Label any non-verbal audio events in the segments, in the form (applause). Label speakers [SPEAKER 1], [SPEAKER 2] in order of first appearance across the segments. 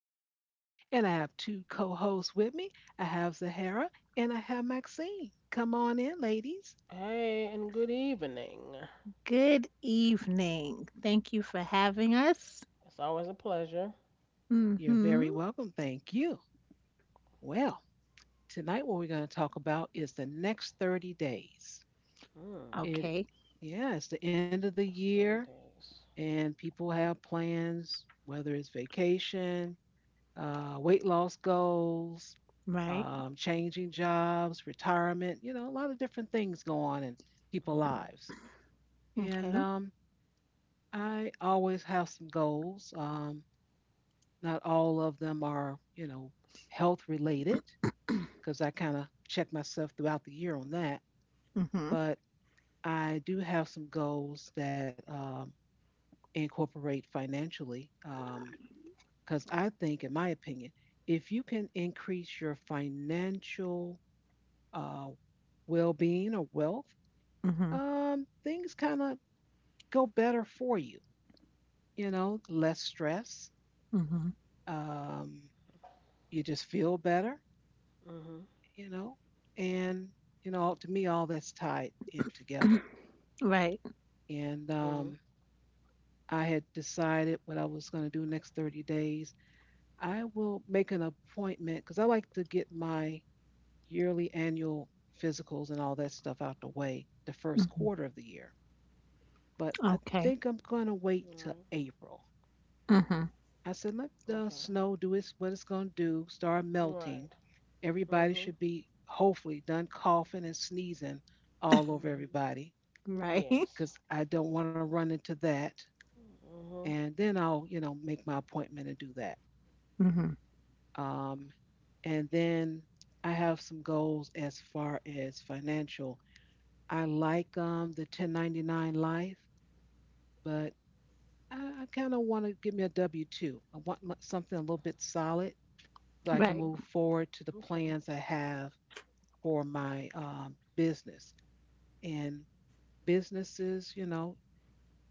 [SPEAKER 1] your host, and I have two co hosts with me. I have Zahara and I have Maxine. Come on in, ladies.
[SPEAKER 2] Hey, and good evening.
[SPEAKER 3] Good evening. Thank you for having us.
[SPEAKER 2] It's always a pleasure.
[SPEAKER 1] You're
[SPEAKER 3] Mm-hmm.
[SPEAKER 1] very welcome. Thank you. Well, tonight, what we're going to talk about is the next 30 days.
[SPEAKER 2] Mm,
[SPEAKER 1] It,
[SPEAKER 3] Okay.
[SPEAKER 1] yeah, it's the end of the
[SPEAKER 2] it's three
[SPEAKER 1] year,
[SPEAKER 2] days.
[SPEAKER 1] and people have plans, whether it's vacation, weight loss goals,
[SPEAKER 3] Right.
[SPEAKER 1] changing jobs, retirement, you know, a lot of different things go on in people's
[SPEAKER 2] Mm-hmm.
[SPEAKER 1] lives.
[SPEAKER 3] Okay.
[SPEAKER 1] And I always have some goals. Not all of them are, you know, health related because I kind of check myself throughout the year on that.
[SPEAKER 3] Mm-hmm.
[SPEAKER 1] But I do have some goals that incorporate financially because I think, in my opinion, if you can increase your financial uh, well-being or wealth,
[SPEAKER 3] Mm-hmm.
[SPEAKER 1] things kind of go better for you. You know, less stress.
[SPEAKER 3] Mm-hmm.
[SPEAKER 1] Um, you just feel better.
[SPEAKER 2] Mm-hmm.
[SPEAKER 1] You know, and you know, to me, all that's tied in together.
[SPEAKER 3] (clears throat) Right.
[SPEAKER 1] And
[SPEAKER 2] Mm-hmm.
[SPEAKER 1] I had decided what I was going to do next 30 days. I will make an appointment because I like to get my yearly annual physicals and all that stuff out the way the first
[SPEAKER 3] Mm-hmm.
[SPEAKER 1] quarter of the year, but I
[SPEAKER 3] Okay.
[SPEAKER 1] think I'm gonna wait till
[SPEAKER 2] Right.
[SPEAKER 1] April.
[SPEAKER 3] Mm-hmm.
[SPEAKER 1] I said, let the
[SPEAKER 2] Okay.
[SPEAKER 1] snow do its what it's gonna do, start melting.
[SPEAKER 2] Right.
[SPEAKER 1] Everybody
[SPEAKER 2] Mm-hmm.
[SPEAKER 1] should be hopefully done coughing and sneezing all over
[SPEAKER 2] Mm-hmm.
[SPEAKER 1] everybody
[SPEAKER 3] Right. (laughs)
[SPEAKER 2] Yes.
[SPEAKER 1] because I don't want to run into that.
[SPEAKER 2] Mm-hmm.
[SPEAKER 1] And then I'll, you know, make my appointment and do that.
[SPEAKER 3] Mm-hmm.
[SPEAKER 1] Um, and then I have some goals as far as financial. I like the 1099 life, but I kind of want to give me a W two. I want something a little bit solid so I can
[SPEAKER 3] Right.
[SPEAKER 2] Mm-hmm.
[SPEAKER 1] move forward to the
[SPEAKER 2] Okay.
[SPEAKER 1] plans I have for my business. And businesses, you know,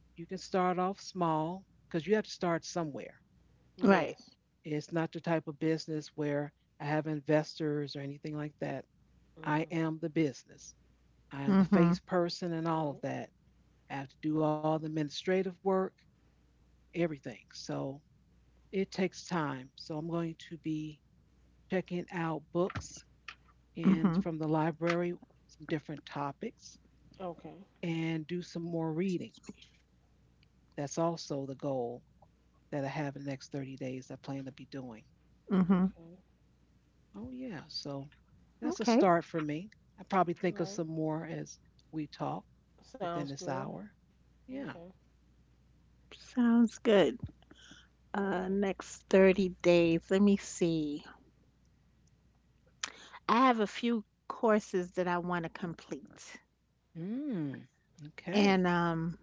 [SPEAKER 1] you can start off small because you have to start somewhere.
[SPEAKER 3] Right.
[SPEAKER 2] Yes.
[SPEAKER 1] It's not the type of business where I have investors or anything like that. I
[SPEAKER 2] Mm-hmm.
[SPEAKER 1] am the business. I am the
[SPEAKER 3] Mm-hmm.
[SPEAKER 1] face person and all of
[SPEAKER 2] Right.
[SPEAKER 1] that. I have to do all the administrative work, everything. So it takes time. So I'm going to be checking out books and
[SPEAKER 3] Mm-hmm.
[SPEAKER 1] from the library, some different topics,
[SPEAKER 2] Okay.
[SPEAKER 1] and do some more reading. That's also the goal that I have in the next 30 days. I plan to be doing.
[SPEAKER 2] Okay.
[SPEAKER 3] Mm-hmm.
[SPEAKER 2] All
[SPEAKER 1] Oh yeah, so that's a
[SPEAKER 3] Okay.
[SPEAKER 1] start for me. I probably think of
[SPEAKER 2] right.
[SPEAKER 1] some more as we talk within
[SPEAKER 2] Sounds
[SPEAKER 1] this
[SPEAKER 2] good.
[SPEAKER 1] hour. Yeah.
[SPEAKER 2] Okay.
[SPEAKER 3] Sounds good.
[SPEAKER 2] All right.
[SPEAKER 3] Next 30 days. Let me see. I have a few courses that I want to complete.
[SPEAKER 1] Mm.
[SPEAKER 3] And
[SPEAKER 1] Okay.
[SPEAKER 3] um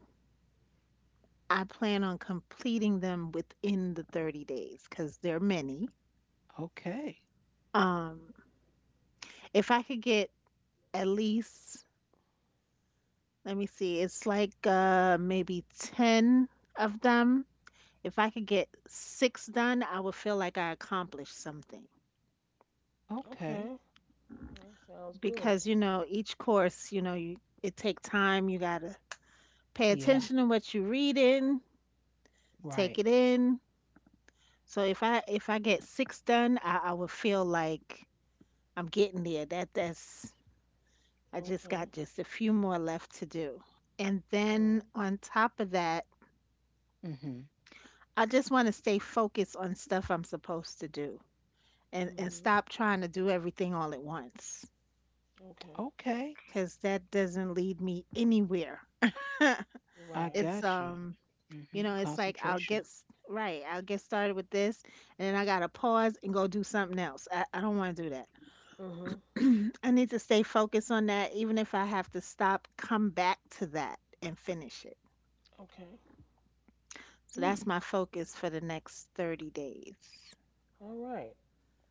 [SPEAKER 3] I plan on completing them within the 30 days because they're many.
[SPEAKER 1] Okay.
[SPEAKER 3] Um, if I could get at least, let me see, it's like maybe 10 of them. If I could get six done, I would feel like I accomplished something
[SPEAKER 2] Okay.
[SPEAKER 1] Okay.
[SPEAKER 2] All right. Sounds good.
[SPEAKER 3] because, you know, each course, you know, it take time. You gotta pay
[SPEAKER 1] Yeah.
[SPEAKER 3] attention to what you're reading,
[SPEAKER 1] Right.
[SPEAKER 3] take it in. So if I get six done, I would feel like I'm getting there. That's I just
[SPEAKER 2] Okay.
[SPEAKER 3] got just a few more left to do. And then
[SPEAKER 2] All
[SPEAKER 3] on top of that,
[SPEAKER 1] hmm
[SPEAKER 3] I just want to stay focused on stuff I'm supposed to do
[SPEAKER 2] right.
[SPEAKER 3] and
[SPEAKER 2] Mm-hmm.
[SPEAKER 3] stop trying to do everything all at once
[SPEAKER 2] Okay.
[SPEAKER 1] Okay.
[SPEAKER 3] because that doesn't lead me anywhere. (laughs)
[SPEAKER 1] I
[SPEAKER 2] Right.
[SPEAKER 3] it's,
[SPEAKER 1] got you.
[SPEAKER 3] you know, it's like
[SPEAKER 1] Concentration.
[SPEAKER 3] right, I'll get started with this and then I got to pause and go do something else. I don't want to do
[SPEAKER 2] Mm-hmm.
[SPEAKER 3] that. (clears throat) I need to stay focused on that, even if I have to stop, come back to that and finish it.
[SPEAKER 2] Okay.
[SPEAKER 3] So
[SPEAKER 1] Mm.
[SPEAKER 3] that's my focus for the next 30 days.
[SPEAKER 2] All right.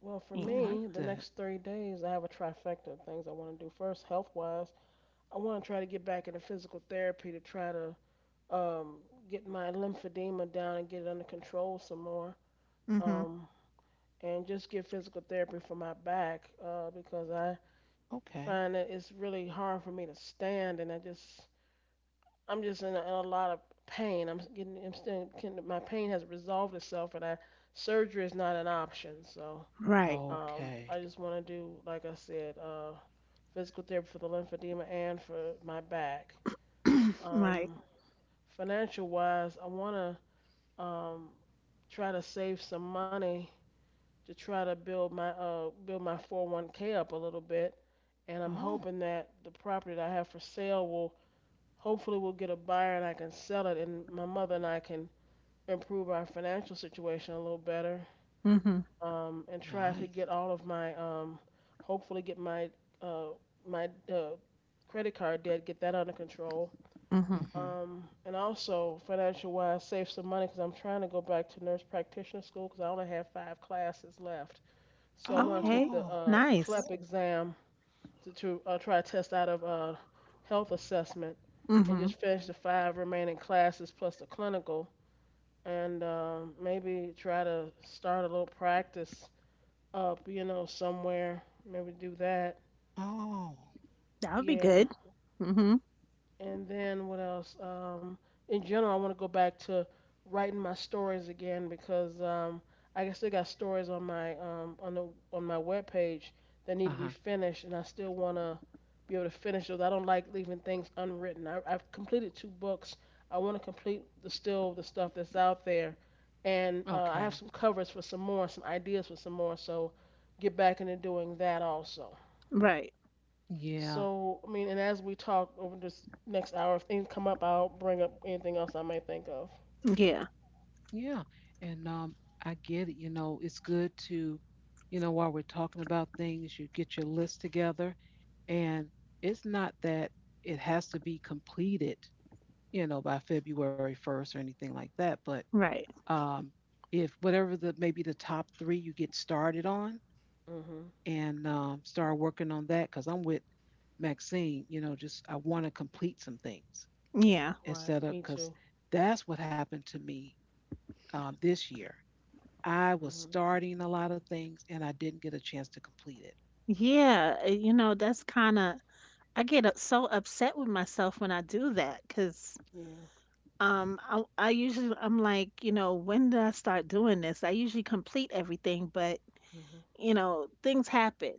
[SPEAKER 2] Well, for
[SPEAKER 1] I
[SPEAKER 3] Yeah.
[SPEAKER 1] like
[SPEAKER 2] me, the
[SPEAKER 1] that.
[SPEAKER 2] next 3 days, I have a trifecta of things I want to do. First, health wise, I want to try to get back into physical therapy to try to um, get my lymphedema down and get it under control some more.
[SPEAKER 3] Mm-hmm.
[SPEAKER 2] Um, and just get physical therapy for my back because I find
[SPEAKER 1] Okay.
[SPEAKER 2] that it's really hard for me to stand and I'm just in a lot of pain. My pain has resolved itself surgery is not an option. So,
[SPEAKER 3] Right.
[SPEAKER 2] I
[SPEAKER 1] Okay.
[SPEAKER 2] just want to do, like I said, physical therapy for the lymphedema and for my back.
[SPEAKER 3] (clears throat) Right.
[SPEAKER 2] Um, financial wise, I want to try to save some money to try to build my 401(k) up a little bit, and I'm
[SPEAKER 1] Oh,
[SPEAKER 2] hoping that the property that I have for sale will hopefully will get a buyer and I can sell it, and my mother and I can improve our financial situation a little better,
[SPEAKER 3] Mm-hmm.
[SPEAKER 2] and try to
[SPEAKER 1] nice.
[SPEAKER 2] get all of my hopefully get uh, my credit card debt, get that under control.
[SPEAKER 3] Mm-hmm.
[SPEAKER 1] hmm
[SPEAKER 2] And also financial wise, save some money because I'm trying to go back to nurse practitioner school because I only have five classes left. So I want to take
[SPEAKER 3] Okay.
[SPEAKER 2] the
[SPEAKER 1] Oh,
[SPEAKER 2] uh, CLEP
[SPEAKER 3] Nice.
[SPEAKER 2] Exam to try to test out of health assessment and
[SPEAKER 3] Mm-hmm.
[SPEAKER 2] just finish the five remaining classes plus the clinical and maybe try to start a little practice up somewhere. Maybe do that.
[SPEAKER 1] oh.
[SPEAKER 3] That would be
[SPEAKER 2] Yeah.
[SPEAKER 3] good. Mm-hmm.
[SPEAKER 2] And then what else? In general, I want to go back to writing my stories again because I still got stories on my on the on my webpage that need to be
[SPEAKER 1] Uh-huh.
[SPEAKER 2] finished, and I still want to be able to finish those. I don't like leaving things unwritten. I've completed two books. I want to complete the stuff that's out there, and I have
[SPEAKER 1] Okay.
[SPEAKER 2] some covers for some more, some ideas for some more. So get back into doing that also.
[SPEAKER 3] Right.
[SPEAKER 1] Yeah.
[SPEAKER 2] So, I mean, and as we talk over this next hour, if things come up, I'll bring up anything else I might think of.
[SPEAKER 3] Yeah.
[SPEAKER 1] Yeah. And I get it. You know, it's good to, you know, while we're talking about things, you get your list together, and it's not that it has to be completed, you know, by February 1st or anything like that, but
[SPEAKER 3] Right.
[SPEAKER 1] um, if whatever the maybe the top three you get started on,
[SPEAKER 2] Mhm.
[SPEAKER 1] and started working on that because I'm with Maxine. You know, just I want to complete some things
[SPEAKER 3] Yeah.
[SPEAKER 2] Right.
[SPEAKER 1] instead of
[SPEAKER 2] Me
[SPEAKER 1] because
[SPEAKER 2] too.
[SPEAKER 1] that's what happened to me this year. I was
[SPEAKER 2] Mhm.
[SPEAKER 1] starting a lot of things and I didn't get a chance to complete it.
[SPEAKER 3] Yeah. You know, I get so upset with myself when I do that because
[SPEAKER 2] Yeah.
[SPEAKER 3] I usually, I'm like, you know, when did I start doing this? I usually complete everything, but,
[SPEAKER 2] Mhm.
[SPEAKER 3] you know, things happen,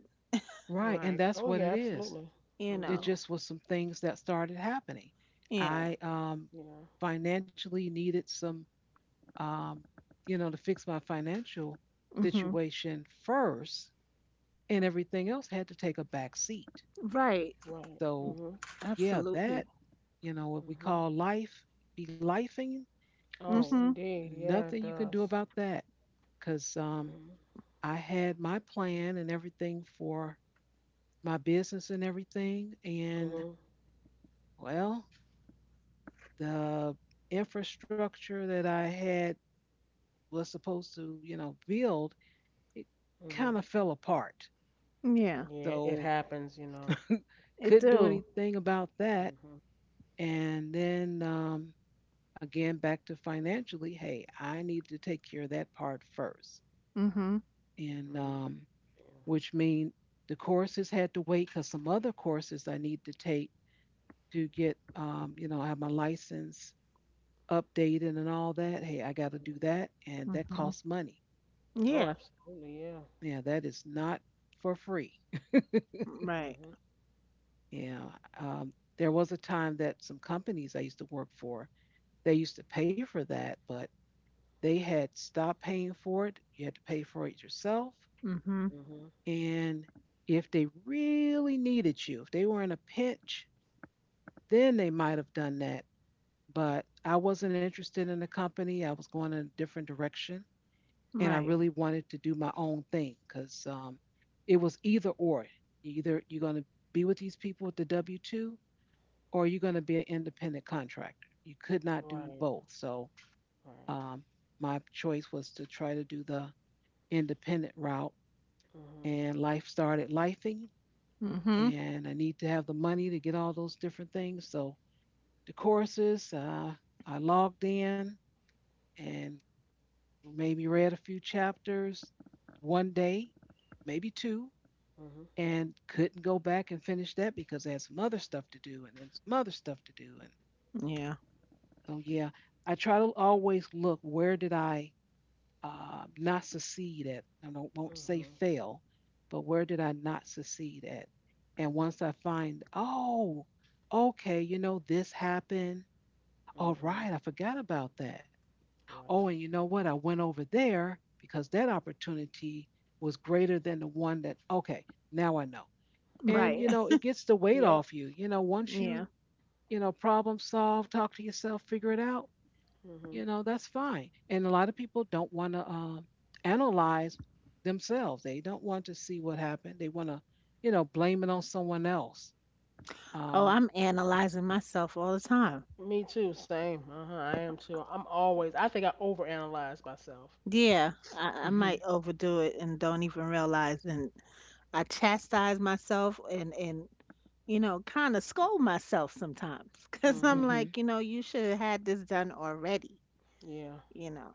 [SPEAKER 1] Right, and
[SPEAKER 2] Right.
[SPEAKER 1] that's
[SPEAKER 2] Oh
[SPEAKER 1] what
[SPEAKER 2] yeah,
[SPEAKER 1] it is.
[SPEAKER 2] absolutely.
[SPEAKER 3] you
[SPEAKER 1] It
[SPEAKER 3] know.
[SPEAKER 2] Mhm.
[SPEAKER 1] just was some things that started happening.
[SPEAKER 3] Yeah.
[SPEAKER 1] I
[SPEAKER 2] Yeah.
[SPEAKER 1] financially needed some, um, you know, to fix my financial situation first, and everything else had to take a back seat.
[SPEAKER 3] Right.
[SPEAKER 2] Right.
[SPEAKER 1] So
[SPEAKER 2] Mhm.
[SPEAKER 1] yeah,
[SPEAKER 3] Absolutely.
[SPEAKER 1] that, you know, what we
[SPEAKER 2] Mhm.
[SPEAKER 1] call life, be lifing, there's
[SPEAKER 2] Oh,
[SPEAKER 3] Mhm.
[SPEAKER 2] indeed. Yeah, it
[SPEAKER 1] nothing you can do
[SPEAKER 2] does.
[SPEAKER 1] about that. Cause
[SPEAKER 2] Mhm.
[SPEAKER 1] I had my plan and everything for my business and everything. And
[SPEAKER 2] Mhm.
[SPEAKER 1] well, the infrastructure that I had was supposed to, you know, build, it
[SPEAKER 2] Mhm.
[SPEAKER 1] kind of fell apart.
[SPEAKER 3] Yeah.
[SPEAKER 2] Yeah, it
[SPEAKER 1] So
[SPEAKER 2] happens, you know.
[SPEAKER 3] It
[SPEAKER 1] couldn't do
[SPEAKER 3] do.
[SPEAKER 1] anything about that.
[SPEAKER 2] Mhm.
[SPEAKER 1] And then again back to financially, hey, I need to take care of that part first,
[SPEAKER 3] Mhm.
[SPEAKER 1] and
[SPEAKER 2] Mhm.
[SPEAKER 1] um,
[SPEAKER 2] Yeah.
[SPEAKER 1] which means the courses had to wait because some other courses I need to take to get, you know, have my license updated and all that, hey, I got to do
[SPEAKER 2] Mhm.
[SPEAKER 1] that, and that
[SPEAKER 3] Mhm.
[SPEAKER 1] costs money.
[SPEAKER 2] Oh,
[SPEAKER 3] Yeah.
[SPEAKER 2] absolutely. Yeah.
[SPEAKER 1] Yeah, that is not for free.
[SPEAKER 3] Right.
[SPEAKER 2] Mhm.
[SPEAKER 1] Yeah, there was a time that some companies I used to work for, they used to pay for that, but they had stopped paying for it. You had to pay for it yourself.
[SPEAKER 3] Mhm.
[SPEAKER 2] Mhm.
[SPEAKER 1] And if they really needed you, if they were in a pinch, then they might have done that. But I wasn't interested in the company. I was going in a different direction. And I
[SPEAKER 3] Right.
[SPEAKER 2] Mhm.
[SPEAKER 1] really wanted to do my own thing because it was either or. Either you're going to be with these people with the W 2 or you're going to be an independent contractor. You could not do
[SPEAKER 2] Right.
[SPEAKER 1] both. So
[SPEAKER 2] Right.
[SPEAKER 1] um, my choice was to try to do the independent route.
[SPEAKER 2] Mhm.
[SPEAKER 1] And life started lifing,
[SPEAKER 3] Mhm.
[SPEAKER 1] and I need to have the money to get all those different things. So the courses, I logged in and maybe read a few chapters one day, maybe two, and couldn't go back and finish that because I had some other stuff to do and then some other stuff to do. And
[SPEAKER 3] Yeah.
[SPEAKER 1] so yeah, I try to always look, where did I not succeed at? I don't, won't say
[SPEAKER 2] Mhm.
[SPEAKER 1] fail, but where did I not succeed at? And once I find, oh, okay, you know, this happened. All
[SPEAKER 2] Mhm.
[SPEAKER 1] right, I forgot about that. Oh,
[SPEAKER 2] Right.
[SPEAKER 1] and you know what? I went over there because that opportunity was greater than the one that. Okay, now I know. And
[SPEAKER 2] Mhm.
[SPEAKER 3] Right.
[SPEAKER 1] you know it
[SPEAKER 3] (laughs)
[SPEAKER 1] gets the weight
[SPEAKER 2] Yep.
[SPEAKER 1] off you. You know once
[SPEAKER 3] Yeah.
[SPEAKER 1] you, you know, problem solve, talk to yourself, figure it out, you
[SPEAKER 2] Mhm.
[SPEAKER 1] know, that's fine. And a lot of people don't want to analyze themselves. They don't want to see what happened. They want to, you know, blame it on someone else.
[SPEAKER 3] Oh,
[SPEAKER 1] um
[SPEAKER 3] I'm analyzing myself all the time.
[SPEAKER 2] Me too. Same. Uh huh. I am too. I'm always. I think I overanalyze myself.
[SPEAKER 3] Yeah, I
[SPEAKER 1] mhm
[SPEAKER 3] might overdo it and don't even realize, and I chastise myself and you know kind of scold myself sometimes (laughs) because I'm
[SPEAKER 2] Mhm.
[SPEAKER 1] mhm.
[SPEAKER 3] like, you know, you should have had this done already.
[SPEAKER 2] Yeah.
[SPEAKER 3] You know.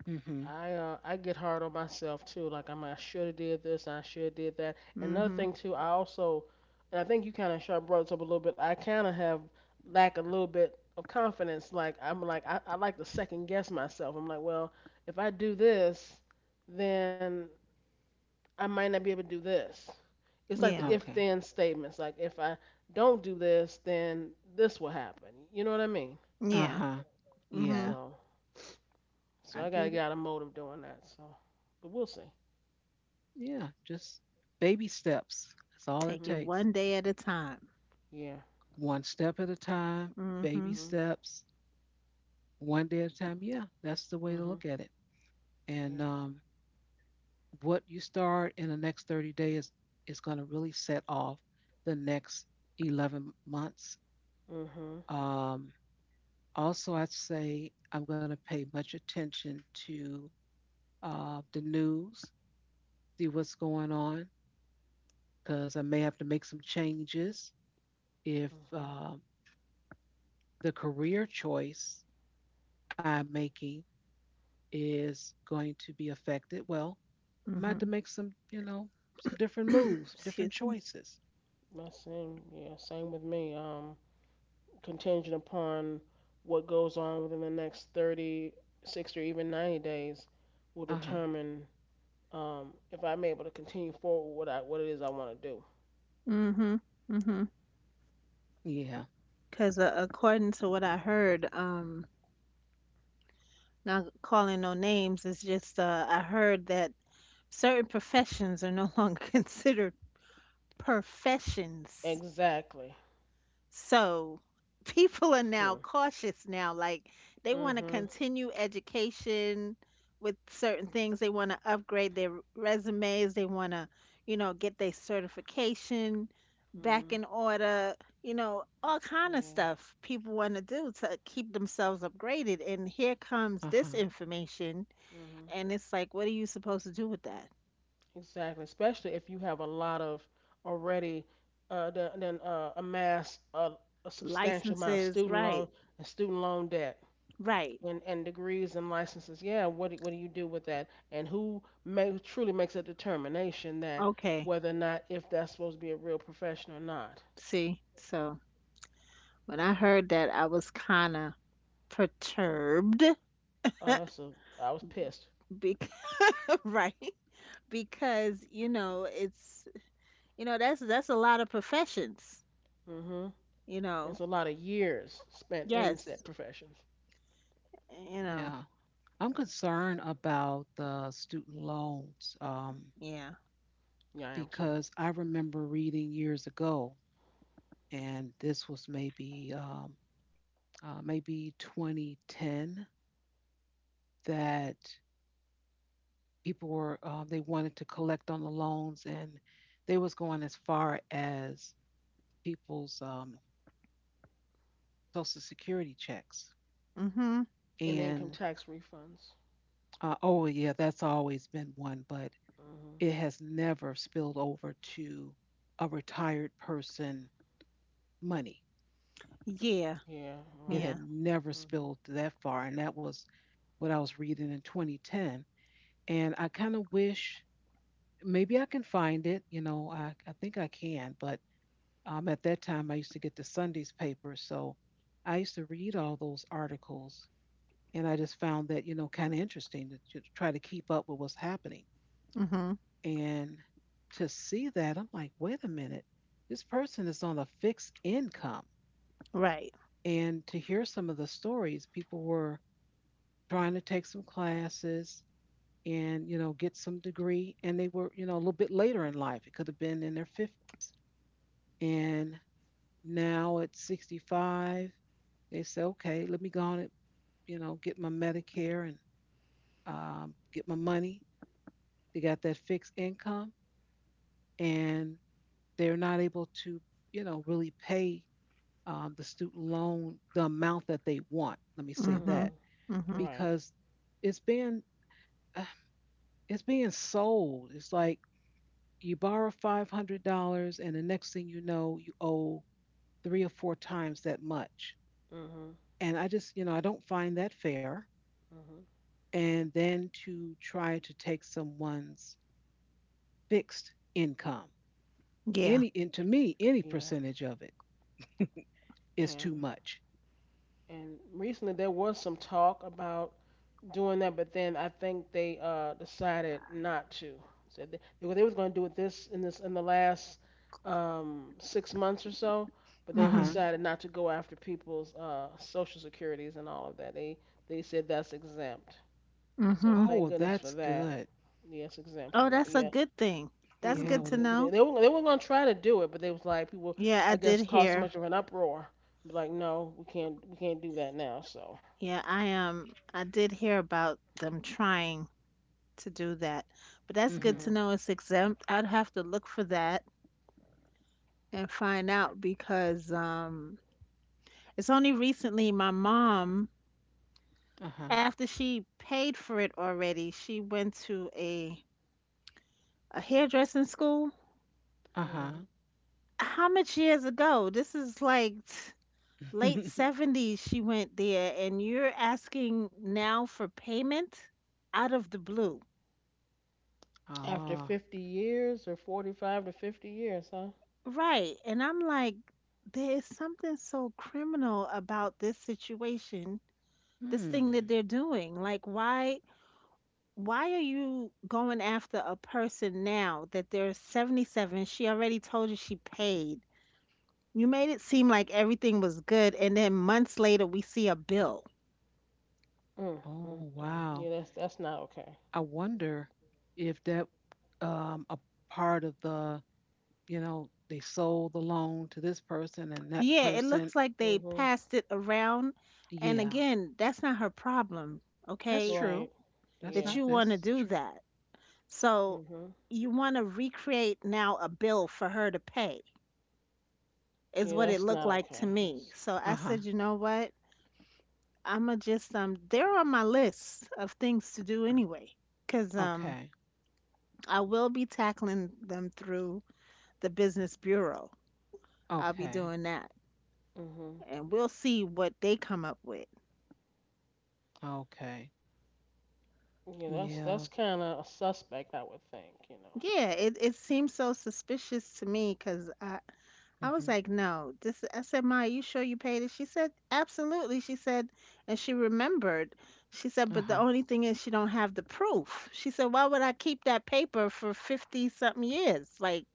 [SPEAKER 1] Mhm.
[SPEAKER 2] I get hard on myself too. Like I'm I should have did this. I should have did that. Another
[SPEAKER 3] Mhm.
[SPEAKER 2] thing too. I also, and I think you kind of sharp brought this up a little bit. I kind of have lack a little bit of confidence. Like I'm like I like to second guess myself. I'm like, well, if I do this, then I might not be able to do this. It's like the
[SPEAKER 3] Yeah.
[SPEAKER 2] if
[SPEAKER 1] Okay.
[SPEAKER 2] then statements. Like if I don't do this, then this will happen. You know what I mean?
[SPEAKER 3] Yeah.
[SPEAKER 1] Uh-huh. Yeah,
[SPEAKER 3] Mhm.
[SPEAKER 2] So
[SPEAKER 1] I
[SPEAKER 2] I
[SPEAKER 1] get
[SPEAKER 2] gotta
[SPEAKER 1] it.
[SPEAKER 2] get out of mode of doing that. But we'll see.
[SPEAKER 1] Yeah, just baby steps, that's all it
[SPEAKER 3] Take it
[SPEAKER 2] Mhm.
[SPEAKER 1] takes.
[SPEAKER 3] one day at a time.
[SPEAKER 2] Yeah.
[SPEAKER 1] One step at a time. Baby
[SPEAKER 3] Mm-hmm.
[SPEAKER 2] Mhm.
[SPEAKER 1] steps. One day at a time, yeah, that's the way to
[SPEAKER 2] Mhm.
[SPEAKER 1] look at it.
[SPEAKER 2] Yeah.
[SPEAKER 1] And what you start in the next 30 days is going to really set off the next 11 months.
[SPEAKER 2] Mhm.
[SPEAKER 1] Um, also, I'd say I'm going to pay much attention to the news, see what's going on, because I may have to make some changes if
[SPEAKER 2] Mhm.
[SPEAKER 1] the career choice I'm making is going to be affected. Well, I might have to
[SPEAKER 3] Mm-hmm.
[SPEAKER 1] make some, you know, some different
[SPEAKER 3] (clears throat)
[SPEAKER 1] moves, different
[SPEAKER 3] Excuse me.
[SPEAKER 1] choices.
[SPEAKER 2] My same. Yeah. Same with me. Contingent upon what goes on within the next 30, 60, or even 90 days will
[SPEAKER 1] Uh huh.
[SPEAKER 2] determine, if I'm able to continue forward with what it is I want to do.
[SPEAKER 3] Mm-hmm. Mm-hmm.
[SPEAKER 1] Yeah.
[SPEAKER 3] Because according to what I heard, not calling no names is just I heard that certain professions are no (laughs) longer considered professions.
[SPEAKER 2] Exactly.
[SPEAKER 3] So (laughs) people are
[SPEAKER 2] Hmm.
[SPEAKER 3] now cautious now. Like they want to
[SPEAKER 2] Mhm.
[SPEAKER 3] continue education with certain things. They want to upgrade their resumes. They want to, you know, get their certification back
[SPEAKER 2] Mhm.
[SPEAKER 3] in order. You know, all kind of
[SPEAKER 2] Yeah.
[SPEAKER 3] stuff people want to do to keep themselves upgraded. And here
[SPEAKER 1] Uh
[SPEAKER 3] comes this
[SPEAKER 1] huh.
[SPEAKER 3] information,
[SPEAKER 2] Mhm.
[SPEAKER 3] and it's like, what are you supposed to do with that?
[SPEAKER 2] Exactly. Especially if you have a lot of already then amassed a substantial amount of
[SPEAKER 3] Licenses,
[SPEAKER 2] student loan
[SPEAKER 3] right?
[SPEAKER 2] and student loan debt
[SPEAKER 3] Right.
[SPEAKER 2] and degrees and licenses. Yeah. What do you do with that? And who truly makes a determination that
[SPEAKER 3] Okay.
[SPEAKER 2] whether or not if that's supposed to be a real profession or not?
[SPEAKER 3] See, so when I heard that, I was kind of perturbed
[SPEAKER 2] That's a I was pissed.
[SPEAKER 3] because (laughs) right, because you know it's, you know that's a lot of professions,
[SPEAKER 2] Mhm.
[SPEAKER 3] you know.
[SPEAKER 2] It's a lot of years spent in said
[SPEAKER 3] Yes,
[SPEAKER 2] professions.
[SPEAKER 3] you know.
[SPEAKER 1] Yeah. I'm concerned about the student loans
[SPEAKER 3] Yeah.
[SPEAKER 2] Yeah, I am too.
[SPEAKER 1] because I remember reading years ago, and this was maybe 2010 that people were they wanted to collect on the loans, and they was going as far as people's social security checks.
[SPEAKER 3] Mhm.
[SPEAKER 2] And income
[SPEAKER 1] And
[SPEAKER 2] tax refunds.
[SPEAKER 1] oh yeah, that's always been one, but
[SPEAKER 2] Mhm.
[SPEAKER 1] it has never spilled over to a retired person money.
[SPEAKER 3] Yeah.
[SPEAKER 2] Yeah.
[SPEAKER 1] It had
[SPEAKER 3] Yeah.
[SPEAKER 2] Right.
[SPEAKER 1] never
[SPEAKER 2] Mhm.
[SPEAKER 1] spilled that far. And that was what I was reading in 2010. And I kind of wish maybe I can find it. You know, I think I can. But at that time, I used to get the Sunday's paper. So I used to read all those articles. And I just found that, you know, kind of interesting to try to keep up with what's happening.
[SPEAKER 3] Mhm.
[SPEAKER 1] And to see that, I'm like, wait a minute, this person is on a fixed income.
[SPEAKER 3] Right.
[SPEAKER 1] And to hear some of the stories, people were trying to take some classes and you know get some degree, and they were, you know, a little bit later in life, it could have been in their 50s, and now at 65 they say, okay, let me go on and, you know, get my medicare and, get my money. They got that fixed income, and they're not able to, you know, really pay the student loan, the amount that they want, let me say
[SPEAKER 3] Mhm.
[SPEAKER 2] Mhm.
[SPEAKER 1] that,
[SPEAKER 3] Mhm.
[SPEAKER 2] Right.
[SPEAKER 1] because it's being uh, it's being sold. It's like you borrow $500, and the next thing you know, you owe three or four times that much.
[SPEAKER 2] Mhm.
[SPEAKER 1] And I just, you know, I don't find that fair.
[SPEAKER 2] Mhm.
[SPEAKER 1] And then to try to take someone's fixed income,
[SPEAKER 3] yeah
[SPEAKER 1] any, and to me, any
[SPEAKER 2] Yeah.
[SPEAKER 1] percentage of it, is too
[SPEAKER 2] And
[SPEAKER 1] much.
[SPEAKER 2] and recently there was some talk about doing that, but then I think they decided not to. Said they was going to do it this in this in the last 6 months or so, but
[SPEAKER 1] Uh
[SPEAKER 2] they've
[SPEAKER 3] mhm
[SPEAKER 1] huh.
[SPEAKER 2] decided not to go after people's social securities and all of that. They said that's exempt. So
[SPEAKER 1] Oh,
[SPEAKER 3] mhm
[SPEAKER 2] thank
[SPEAKER 1] well,
[SPEAKER 2] goodness
[SPEAKER 1] that's
[SPEAKER 2] for that.
[SPEAKER 1] good.
[SPEAKER 2] Yes, exempt
[SPEAKER 3] oh,
[SPEAKER 2] from that.
[SPEAKER 3] that's a
[SPEAKER 2] Yeah.
[SPEAKER 3] good thing. That's
[SPEAKER 1] Yeah.
[SPEAKER 3] good
[SPEAKER 1] Well,
[SPEAKER 3] to
[SPEAKER 1] it,
[SPEAKER 2] Mhm. They,
[SPEAKER 3] know.
[SPEAKER 2] they were they were gonna try to do it, but they was like people,
[SPEAKER 3] Yeah, I
[SPEAKER 2] I guess,
[SPEAKER 3] did
[SPEAKER 2] caused so
[SPEAKER 3] hear.
[SPEAKER 2] much of an uproar. Be like, no, we can't do that now. So.
[SPEAKER 3] Yeah, I I did hear about them trying to do that. But that's good
[SPEAKER 1] mm-hmm.
[SPEAKER 3] to
[SPEAKER 2] Mhm.
[SPEAKER 3] know it's exempt. I'd have to look for that and find out because it's only recently my mom,
[SPEAKER 1] Uh huh.
[SPEAKER 3] after she paid for it already, she went to a hairdressing school.
[SPEAKER 1] Uh huh.
[SPEAKER 2] Mhm.
[SPEAKER 3] How much years ago? This is like late
[SPEAKER 1] (laughs)
[SPEAKER 3] 70s she went there and you're asking now for payment out of the blue.
[SPEAKER 2] After
[SPEAKER 1] ah.
[SPEAKER 2] 50 years or 45 to 50 years, huh?
[SPEAKER 3] Right. And I'm like, there is something so criminal about this situation, this thing
[SPEAKER 1] Hmm.
[SPEAKER 3] that they're doing. Like why are you going after a person now that they're 77? She already told you she paid. You made it seem like everything was good and then months later we see a bill.
[SPEAKER 2] Mm,
[SPEAKER 1] Oh,
[SPEAKER 2] mm, mm.
[SPEAKER 1] wow.
[SPEAKER 2] Yeah, that's not okay.
[SPEAKER 1] I wonder if that a part of the, you know, they sold the loan to this person and that
[SPEAKER 3] Yeah, it
[SPEAKER 1] person.
[SPEAKER 3] looks like they
[SPEAKER 2] Mhm.
[SPEAKER 3] passed it around, and
[SPEAKER 1] Yeah,
[SPEAKER 3] again, that's not her problem,
[SPEAKER 1] that's
[SPEAKER 3] okay?
[SPEAKER 1] true.
[SPEAKER 2] Right.
[SPEAKER 1] That's not,
[SPEAKER 2] Yeah.
[SPEAKER 3] That you want to
[SPEAKER 1] that's true.
[SPEAKER 3] do that. So
[SPEAKER 2] Mhm.
[SPEAKER 3] you want to recreate now a bill for her to pay is
[SPEAKER 2] Yeah,
[SPEAKER 3] what it
[SPEAKER 2] that's
[SPEAKER 3] looked
[SPEAKER 2] not
[SPEAKER 3] like to
[SPEAKER 2] okay.
[SPEAKER 3] me.
[SPEAKER 2] That's.
[SPEAKER 3] So
[SPEAKER 1] Uh
[SPEAKER 3] I
[SPEAKER 1] huh.
[SPEAKER 3] said, you know what? I'ma just they're on my list of things to do anyway, 'cause
[SPEAKER 1] Okay.
[SPEAKER 3] I will be tackling them through the business bureau. I'll be
[SPEAKER 1] Okay.
[SPEAKER 3] doing that
[SPEAKER 2] Mhm.
[SPEAKER 3] and we'll see what they come up with.
[SPEAKER 1] Okay.
[SPEAKER 2] Yeah, that's
[SPEAKER 1] Yeah.
[SPEAKER 2] that's kind of a suspect, I would think. You
[SPEAKER 3] Yeah, it seems so suspicious to me 'cause I was
[SPEAKER 1] Mhm.
[SPEAKER 3] like, no, this I said, Ma, you sure you paid it? She said, absolutely. She said, and she remembered. She
[SPEAKER 1] Uh
[SPEAKER 3] said, but
[SPEAKER 1] huh.
[SPEAKER 3] the only thing is she don't have the proof. She said, why would I keep that paper for 50 something years? Like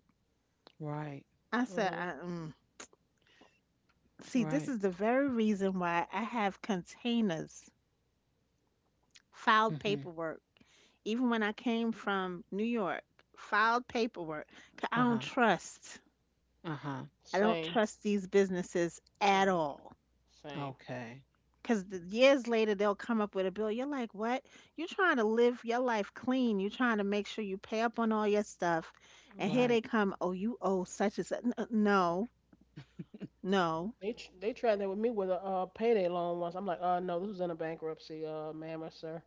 [SPEAKER 1] Right.
[SPEAKER 3] I
[SPEAKER 2] know.
[SPEAKER 3] said,
[SPEAKER 2] Mhm.
[SPEAKER 3] I, mm. See, this
[SPEAKER 1] Right.
[SPEAKER 3] is the very reason why I have containers, filed
[SPEAKER 1] Mhm.
[SPEAKER 3] paperwork. Even when I came from New York, filed paperwork. 'Cause I
[SPEAKER 1] Uh huh.
[SPEAKER 3] don't trust.
[SPEAKER 1] Uh huh.
[SPEAKER 3] I don't
[SPEAKER 2] Same.
[SPEAKER 3] trust these businesses at
[SPEAKER 2] Same.
[SPEAKER 3] all.
[SPEAKER 2] Same.
[SPEAKER 1] Okay.
[SPEAKER 3] Because years later, they'll come up with a bill. You're like, what? You're trying to live your life clean. You're trying to make sure you pay up on all your stuff. And here
[SPEAKER 2] Hmm.
[SPEAKER 1] Right.
[SPEAKER 3] they come, oh, you owe such and such. No,
[SPEAKER 1] (laughs)
[SPEAKER 3] no.
[SPEAKER 2] They tried that with me with a payday loan once. I'm like, no, this was in a bankruptcy, ma'am or sir.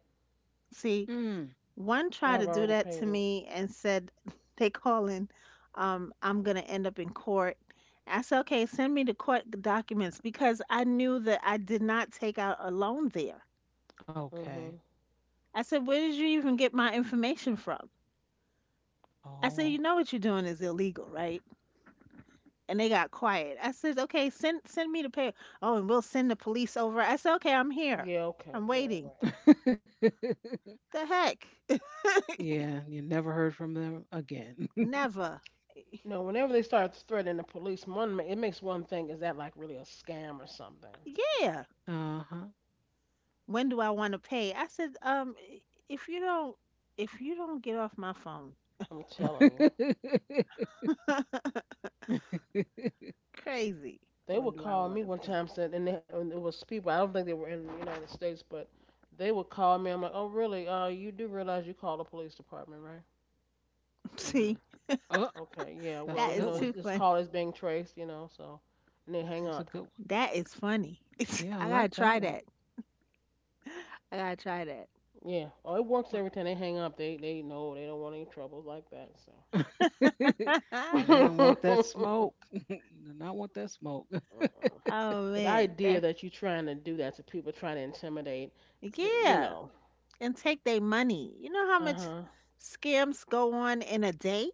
[SPEAKER 3] See,
[SPEAKER 1] Mm.
[SPEAKER 3] one tried to
[SPEAKER 2] I've
[SPEAKER 3] do
[SPEAKER 2] already
[SPEAKER 3] that to
[SPEAKER 2] paid it.
[SPEAKER 3] me and said (laughs) they calling I'm going to end up in court. I said, "Okay, send me the court documents because I knew that I did not take out a loan there."
[SPEAKER 1] Okay.
[SPEAKER 2] Hmm.
[SPEAKER 3] I said, "Where did you even get my information from?" I said, "You
[SPEAKER 1] Oh.
[SPEAKER 3] know what you're doing is illegal, right?" And they got quiet. I said, "Okay, send me the pay. Oh, and we'll send the police over." I said, "Okay, I'm here.
[SPEAKER 2] Yeah.
[SPEAKER 3] I'm
[SPEAKER 2] Okay. Yeah.
[SPEAKER 3] waiting."
[SPEAKER 2] Right.
[SPEAKER 1] (laughs)
[SPEAKER 3] The heck? (laughs)
[SPEAKER 1] yeah. You never heard from them again. (laughs)
[SPEAKER 3] Never.
[SPEAKER 2] No, whenever they start threatening the police, it makes one think is that like really a scam or something.
[SPEAKER 3] Yeah.
[SPEAKER 1] uh
[SPEAKER 3] When do I want to pay? I said, if you don't, if you don't get off my phone,
[SPEAKER 2] I'm
[SPEAKER 1] huh.
[SPEAKER 2] telling you,
[SPEAKER 3] (laughs)
[SPEAKER 1] (laughs)
[SPEAKER 3] crazy.
[SPEAKER 2] they
[SPEAKER 3] When
[SPEAKER 2] would
[SPEAKER 3] do I
[SPEAKER 2] call
[SPEAKER 3] want
[SPEAKER 2] me
[SPEAKER 3] to
[SPEAKER 2] one
[SPEAKER 3] pay?
[SPEAKER 2] time said, and it was people. I don't think they were in the United States, but they would call me. I'm like, oh really? You do realize you called the police department, right? Mm-hmm.
[SPEAKER 3] (laughs) See,
[SPEAKER 1] uh
[SPEAKER 2] Okay, yeah,
[SPEAKER 1] That's a
[SPEAKER 2] well,
[SPEAKER 3] that is
[SPEAKER 1] good
[SPEAKER 2] this,
[SPEAKER 1] one.
[SPEAKER 3] too
[SPEAKER 2] this
[SPEAKER 3] funny.
[SPEAKER 2] call is being traced, so and they hang
[SPEAKER 1] That's a
[SPEAKER 2] up.
[SPEAKER 1] good one.
[SPEAKER 3] That is funny. (laughs)
[SPEAKER 1] Yeah, I
[SPEAKER 3] I
[SPEAKER 1] like
[SPEAKER 3] gotta
[SPEAKER 1] that
[SPEAKER 3] try
[SPEAKER 1] one.
[SPEAKER 3] that. I gotta try
[SPEAKER 2] Yeah. Oh, it works every time they hang up. They know they don't want any troubles like that, so.
[SPEAKER 1] (laughs)
[SPEAKER 3] that.
[SPEAKER 1] They don't want
[SPEAKER 2] (laughs)
[SPEAKER 1] that smoke. (laughs) Do not want that smoke. (laughs)
[SPEAKER 2] Uh-uh.
[SPEAKER 3] (laughs) Oh
[SPEAKER 2] But the
[SPEAKER 3] man,
[SPEAKER 2] idea
[SPEAKER 3] that
[SPEAKER 2] that you're trying to do that to people trying to intimidate, th- you
[SPEAKER 3] yeah,
[SPEAKER 2] know,
[SPEAKER 3] and take their money. You know how
[SPEAKER 2] uh-huh.
[SPEAKER 3] much
[SPEAKER 2] huh.
[SPEAKER 3] scams go on in a day?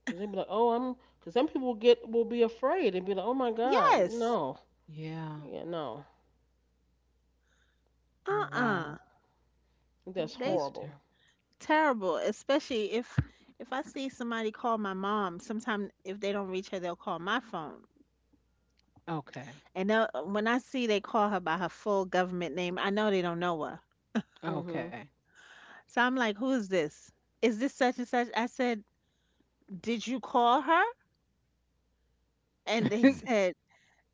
[SPEAKER 2] Because they be like, "Oh, I'm," am. Because some people get will be afraid and be like, "Oh my God,
[SPEAKER 3] Yes.
[SPEAKER 2] no,
[SPEAKER 1] Yeah.
[SPEAKER 2] yeah, no,
[SPEAKER 1] Oh wow.
[SPEAKER 3] Uh.
[SPEAKER 2] that's
[SPEAKER 3] They
[SPEAKER 1] That's
[SPEAKER 2] horrible."
[SPEAKER 1] terrible.
[SPEAKER 3] terrible, especially if I see somebody call my mom, sometimes if they don't reach her, they'll call my phone.
[SPEAKER 1] Okay.
[SPEAKER 3] And they'll, when I see they call her by her full government name, I know they don't know her.
[SPEAKER 2] Mhm.
[SPEAKER 1] Okay.
[SPEAKER 3] So I'm like, "Who is this? Is this such and such?" I said, "Did you call her?" And they said,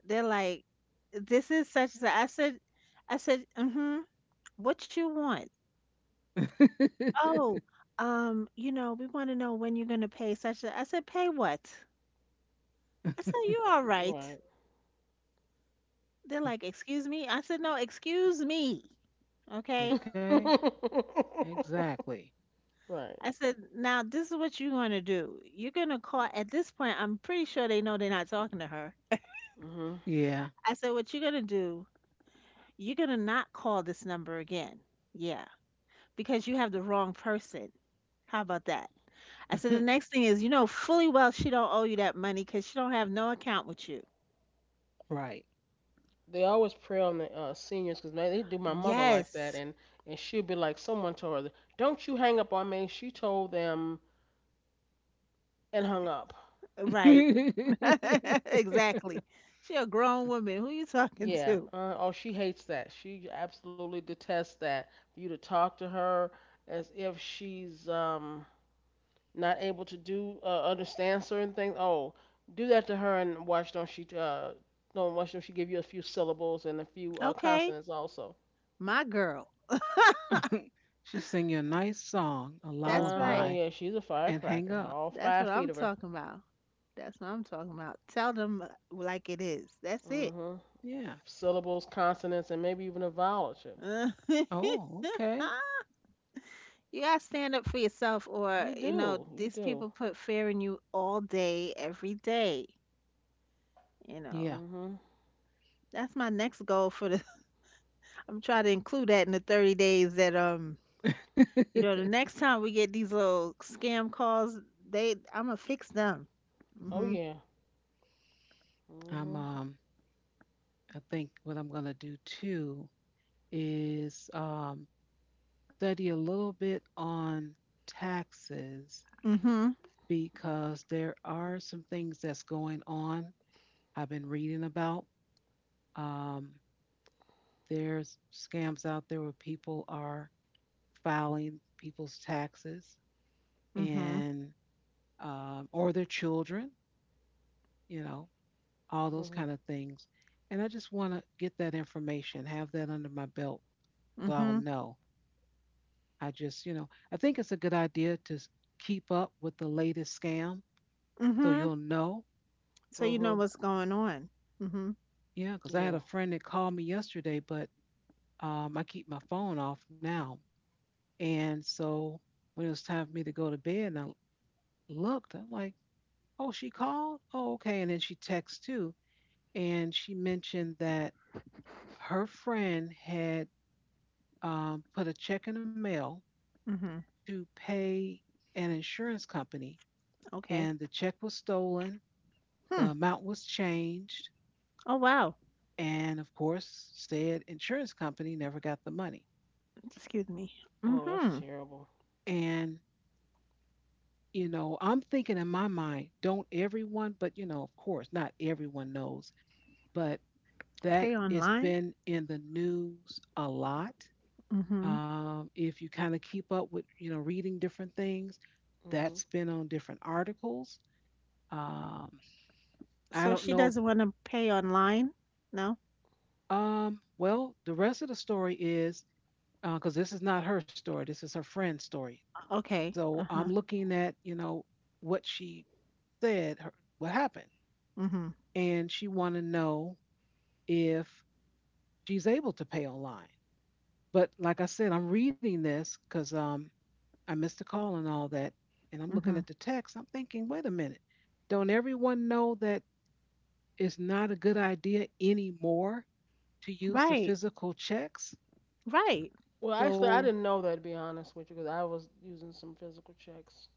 [SPEAKER 3] "They're like, this is such and such." "I said, mm-hmm. What you want? Oh,
[SPEAKER 1] (laughs)
[SPEAKER 3] you know, we want to know when you're gonna pay such." A-" I said, "Pay what?" I said, "You all right?"
[SPEAKER 2] Right.
[SPEAKER 3] They're like, "Excuse me?" I said, "No, excuse me." Okay?
[SPEAKER 1] okay.
[SPEAKER 2] (laughs)
[SPEAKER 1] Exactly.
[SPEAKER 2] right.
[SPEAKER 3] I said, "Now this is what you're going to do. You're going to call at this point, I'm pretty sure they know they're not talking to her.
[SPEAKER 2] Mhm.
[SPEAKER 1] Yeah.
[SPEAKER 3] I said, "What you're going to do, you're going to not call this number again." Yeah, because you have the wrong person. How about that? I said, the next
[SPEAKER 1] (laughs)
[SPEAKER 3] thing is, you know fully well she don't owe you that money because she don't have no account with you.
[SPEAKER 1] right.
[SPEAKER 2] They always prey on the seniors because they do my mother like that,
[SPEAKER 3] Yes,
[SPEAKER 2] and she'll be like, someone told her, "Don't you hang up on me." She told them and hung up.
[SPEAKER 3] right. (laughs) Exactly.
[SPEAKER 1] (laughs)
[SPEAKER 3] She a grown woman. Who you talking
[SPEAKER 2] Yeah.
[SPEAKER 3] to?
[SPEAKER 2] Oh, she hates that. She absolutely detests that. For you to talk to her as if she's not able to do understand certain things. Oh, do that to her and watch don't she don't watch don't she give you a few syllables and a few
[SPEAKER 3] Okay,
[SPEAKER 2] consonants also.
[SPEAKER 3] my girl. (laughs)
[SPEAKER 1] She sing you a nice song, a
[SPEAKER 3] That's
[SPEAKER 2] Uh huh.
[SPEAKER 1] lullaby,
[SPEAKER 3] right.
[SPEAKER 2] Yeah, she's a
[SPEAKER 1] and hang
[SPEAKER 2] firecracker.
[SPEAKER 1] up.
[SPEAKER 2] All
[SPEAKER 3] That's what
[SPEAKER 2] 5 feet
[SPEAKER 3] I'm
[SPEAKER 2] of her.
[SPEAKER 3] talking about. That's what I'm talking about. Tell them like it is. That's it.
[SPEAKER 2] Mhm.
[SPEAKER 1] Yeah.
[SPEAKER 2] Syllables, consonants, and maybe even a vowel or two.
[SPEAKER 3] (laughs) You
[SPEAKER 1] Oh, okay.
[SPEAKER 3] gotta stand up for yourself,
[SPEAKER 2] You
[SPEAKER 3] or you know,
[SPEAKER 2] do. You
[SPEAKER 3] these
[SPEAKER 2] do.
[SPEAKER 3] people put fear in you all day, every day. You know,
[SPEAKER 1] Yeah.
[SPEAKER 2] Mm-hmm.
[SPEAKER 3] that's my next goal for the. (laughs) I'm trying to include that in the 30 days that you know, the
[SPEAKER 1] (laughs)
[SPEAKER 3] next time we get these little scam calls, they I'm gonna fix them.
[SPEAKER 2] Oh
[SPEAKER 3] Mhm.
[SPEAKER 2] yeah.
[SPEAKER 1] I'm
[SPEAKER 2] Mm-hmm.
[SPEAKER 1] um I think what I'm gonna do too is study a little bit on taxes
[SPEAKER 3] Mhm.
[SPEAKER 1] because there are some things that's going on. I've been reading about. Um there's scams out there where people are filing people's taxes
[SPEAKER 3] Mhm. Mhm.
[SPEAKER 1] and or their children, you know, all those
[SPEAKER 2] Mm-hmm.
[SPEAKER 1] kind of things. And I just want to get that information, have that under my belt so I'll
[SPEAKER 3] Mhm.
[SPEAKER 1] know. I just, you know, I think it's a good idea to keep up with the latest scam so
[SPEAKER 3] Mhm.
[SPEAKER 1] you'll know.
[SPEAKER 3] So you know
[SPEAKER 2] Mm-hmm.
[SPEAKER 3] what's going on. Mhm.
[SPEAKER 1] Yeah, because I had
[SPEAKER 2] Yeah.
[SPEAKER 1] a friend that called me yesterday, but I keep my phone off now. And so when it was time for me to go to bed and I looked, I'm like, oh, she called? Oh, okay. And then she texts too. And she mentioned that her friend had put a check in the mail
[SPEAKER 3] Mhm.
[SPEAKER 1] to pay an insurance company,
[SPEAKER 3] Okay.
[SPEAKER 1] and the check was stolen. The
[SPEAKER 3] Hmm.
[SPEAKER 1] amount was changed,
[SPEAKER 3] Oh wow.
[SPEAKER 1] and of course, said insurance company never got the money.
[SPEAKER 3] Excuse me.
[SPEAKER 2] Oh, that's
[SPEAKER 3] Mhm.
[SPEAKER 2] terrible.
[SPEAKER 1] And, you know, I'm thinking in my mind, don't everyone, but, you know, of course, not everyone knows, but that
[SPEAKER 3] Pay
[SPEAKER 1] it's
[SPEAKER 3] online.
[SPEAKER 1] been in the news a lot.
[SPEAKER 3] Mhm.
[SPEAKER 1] If you kind of keep up with, you know, reading different things,
[SPEAKER 2] Mm-hmm.
[SPEAKER 1] that's been on different articles. Um, I
[SPEAKER 3] So
[SPEAKER 1] don't
[SPEAKER 3] she
[SPEAKER 1] know if,
[SPEAKER 3] doesn't want to pay online? No?
[SPEAKER 1] well, the rest of the story is because this is not her story, this is her friend's story.
[SPEAKER 3] Okay.
[SPEAKER 1] So I'm
[SPEAKER 3] Uh-huh.
[SPEAKER 1] looking at, you know, what she said, her, what happened.
[SPEAKER 3] Mhm.
[SPEAKER 1] And she want to know if she's able to pay online. But like I said, I'm reading this because I missed a call and all that. And I'm looking at
[SPEAKER 3] Mhm.
[SPEAKER 1] the text. I'm thinking, wait a minute. Don't everyone know that it's not a good idea anymore to use the
[SPEAKER 3] Right.
[SPEAKER 1] physical checks?
[SPEAKER 3] Right.
[SPEAKER 2] Well, actually, I
[SPEAKER 1] So,
[SPEAKER 2] didn't know that to be honest with you, because I was using some physical checks.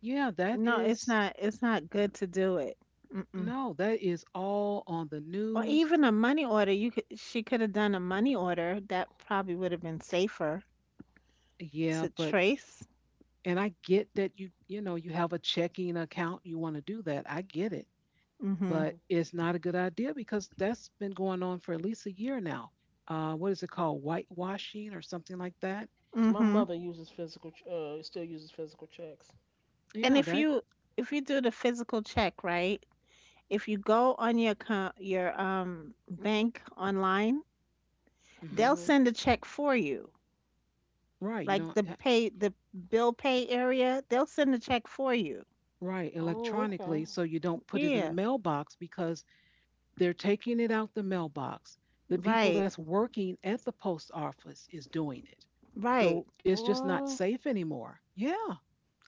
[SPEAKER 1] yeah, that
[SPEAKER 3] No, it's
[SPEAKER 1] is,
[SPEAKER 3] not, it's not good to do it. Mm-mm.
[SPEAKER 1] no, that is all on the
[SPEAKER 3] Or
[SPEAKER 1] news.
[SPEAKER 3] even a money order. You could She could have done a money order. That probably would have been safer
[SPEAKER 1] Yeah,
[SPEAKER 3] to
[SPEAKER 1] but.
[SPEAKER 3] trace.
[SPEAKER 1] And I get that you know, you have a checking account, you want to do that. I get it.
[SPEAKER 3] Mhm.
[SPEAKER 2] Mm-hmm.
[SPEAKER 1] But it's not a good idea because that's been going on for at least a year now. What is it called? Whitewashing or something like that?
[SPEAKER 2] Because my
[SPEAKER 3] Mhm.
[SPEAKER 2] mother uses physical, still uses physical checks.
[SPEAKER 3] And
[SPEAKER 1] Yeah, that,
[SPEAKER 3] if you do the physical check, right? If you go on your bank online,
[SPEAKER 1] hmm,
[SPEAKER 3] they'll
[SPEAKER 2] Mm-hmm.
[SPEAKER 3] send a check for you.
[SPEAKER 1] right. You don't,
[SPEAKER 3] Like the
[SPEAKER 1] yeah,
[SPEAKER 3] pay the bill pay area, they'll send a check for you.
[SPEAKER 1] right,
[SPEAKER 2] Oh,
[SPEAKER 1] electronically.
[SPEAKER 2] okay.
[SPEAKER 1] So you don't put it in the
[SPEAKER 3] Yeah,
[SPEAKER 1] mailbox because they're taking it out the mailbox. The people
[SPEAKER 3] right,
[SPEAKER 1] that's working at the post office is doing it.
[SPEAKER 3] right.
[SPEAKER 1] So it's just not
[SPEAKER 2] What?
[SPEAKER 1] safe anymore. Yeah,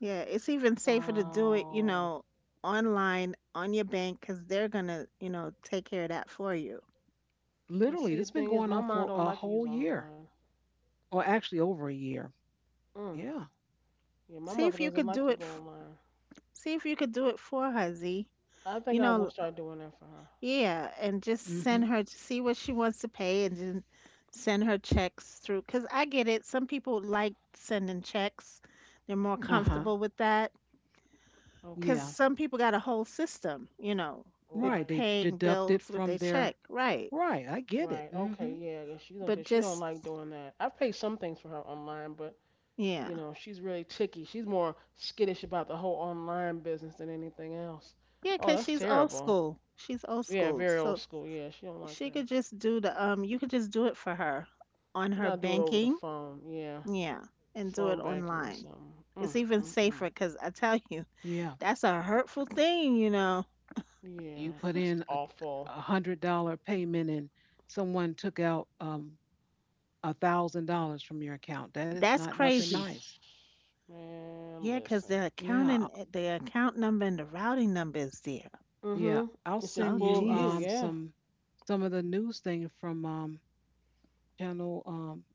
[SPEAKER 3] Yeah, it's even safer to do it, you
[SPEAKER 2] Wow.
[SPEAKER 3] know, online on your bank because they're gonna, you know, take care of that for you.
[SPEAKER 2] And
[SPEAKER 1] literally,
[SPEAKER 2] see,
[SPEAKER 1] this has
[SPEAKER 2] the
[SPEAKER 1] been
[SPEAKER 2] thing is,
[SPEAKER 1] going
[SPEAKER 2] my
[SPEAKER 1] on
[SPEAKER 2] mom
[SPEAKER 1] for
[SPEAKER 2] don't
[SPEAKER 1] a
[SPEAKER 2] like to use
[SPEAKER 1] whole year.
[SPEAKER 2] online.
[SPEAKER 1] Or actually over a year.
[SPEAKER 2] Mm.
[SPEAKER 1] Yeah.
[SPEAKER 2] Yeah, my
[SPEAKER 3] See
[SPEAKER 2] mother
[SPEAKER 3] if you
[SPEAKER 2] doesn't
[SPEAKER 3] could
[SPEAKER 2] like
[SPEAKER 3] do
[SPEAKER 2] to
[SPEAKER 3] it.
[SPEAKER 2] go online.
[SPEAKER 3] See if you could do it for her, Z.
[SPEAKER 2] I
[SPEAKER 3] You
[SPEAKER 2] think I
[SPEAKER 3] know,
[SPEAKER 2] will start doing that for her.
[SPEAKER 3] yeah, and just send
[SPEAKER 1] Hmm.
[SPEAKER 3] her to see what she wants to pay and then send her checks through. Because I get it. Some people like sending checks, they're more
[SPEAKER 2] Uh huh.
[SPEAKER 1] Uh-huh.
[SPEAKER 3] comfortable with that.
[SPEAKER 2] Okay.
[SPEAKER 3] Because
[SPEAKER 1] Yeah.
[SPEAKER 3] some people got a whole system, with
[SPEAKER 1] Right. They
[SPEAKER 2] Right.
[SPEAKER 3] paying
[SPEAKER 1] deduct it
[SPEAKER 3] bills with their
[SPEAKER 1] from
[SPEAKER 3] check.
[SPEAKER 1] their.
[SPEAKER 3] Right.
[SPEAKER 1] Right, I get
[SPEAKER 2] Right.
[SPEAKER 1] it.
[SPEAKER 2] Okay.
[SPEAKER 1] Hmm.
[SPEAKER 2] Yeah. Yeah. She
[SPEAKER 3] But
[SPEAKER 2] don't. She don't
[SPEAKER 3] just,
[SPEAKER 2] like doing that. I've paid some things for her online, but
[SPEAKER 3] yeah.
[SPEAKER 2] you know she's really ticky. She's more skittish about the whole online business than anything else.
[SPEAKER 3] Yeah,
[SPEAKER 2] Oh,
[SPEAKER 3] because
[SPEAKER 2] that's
[SPEAKER 3] she's old
[SPEAKER 2] terrible.
[SPEAKER 3] school. She's old
[SPEAKER 2] Yeah.
[SPEAKER 3] school.
[SPEAKER 2] Very old
[SPEAKER 3] So
[SPEAKER 2] school. Yeah. She don't like
[SPEAKER 3] she
[SPEAKER 2] that.
[SPEAKER 3] could just do you could just do it for her on
[SPEAKER 2] You
[SPEAKER 3] her
[SPEAKER 2] gotta do it over the
[SPEAKER 3] banking.
[SPEAKER 2] phone. Yeah.
[SPEAKER 3] Yeah. And do it
[SPEAKER 2] Phone banking or
[SPEAKER 3] online.
[SPEAKER 2] something.
[SPEAKER 3] It's
[SPEAKER 2] Mm.
[SPEAKER 3] even
[SPEAKER 2] Mm.
[SPEAKER 3] safer
[SPEAKER 2] Mm.
[SPEAKER 3] because I tell (laughs) you.
[SPEAKER 1] Yeah,
[SPEAKER 3] That's a hurtful thing.
[SPEAKER 1] you
[SPEAKER 2] Yeah.
[SPEAKER 1] put
[SPEAKER 2] That's
[SPEAKER 1] in a,
[SPEAKER 2] awful.
[SPEAKER 1] $100 payment, and someone took out $1,000 from your account. That is
[SPEAKER 3] That's
[SPEAKER 1] not nothing
[SPEAKER 3] crazy.
[SPEAKER 1] nice.
[SPEAKER 2] (sniffs) Man,
[SPEAKER 3] Yeah, 'cause
[SPEAKER 2] listen.
[SPEAKER 1] Yeah,
[SPEAKER 3] the account number and the routing number is there.
[SPEAKER 1] yeah.
[SPEAKER 2] Mm-hmm.
[SPEAKER 1] I'll
[SPEAKER 2] It's in
[SPEAKER 3] Oh,
[SPEAKER 1] send
[SPEAKER 2] full
[SPEAKER 1] you
[SPEAKER 2] view,
[SPEAKER 3] jeez.
[SPEAKER 2] yeah.
[SPEAKER 1] some of the news thing from channel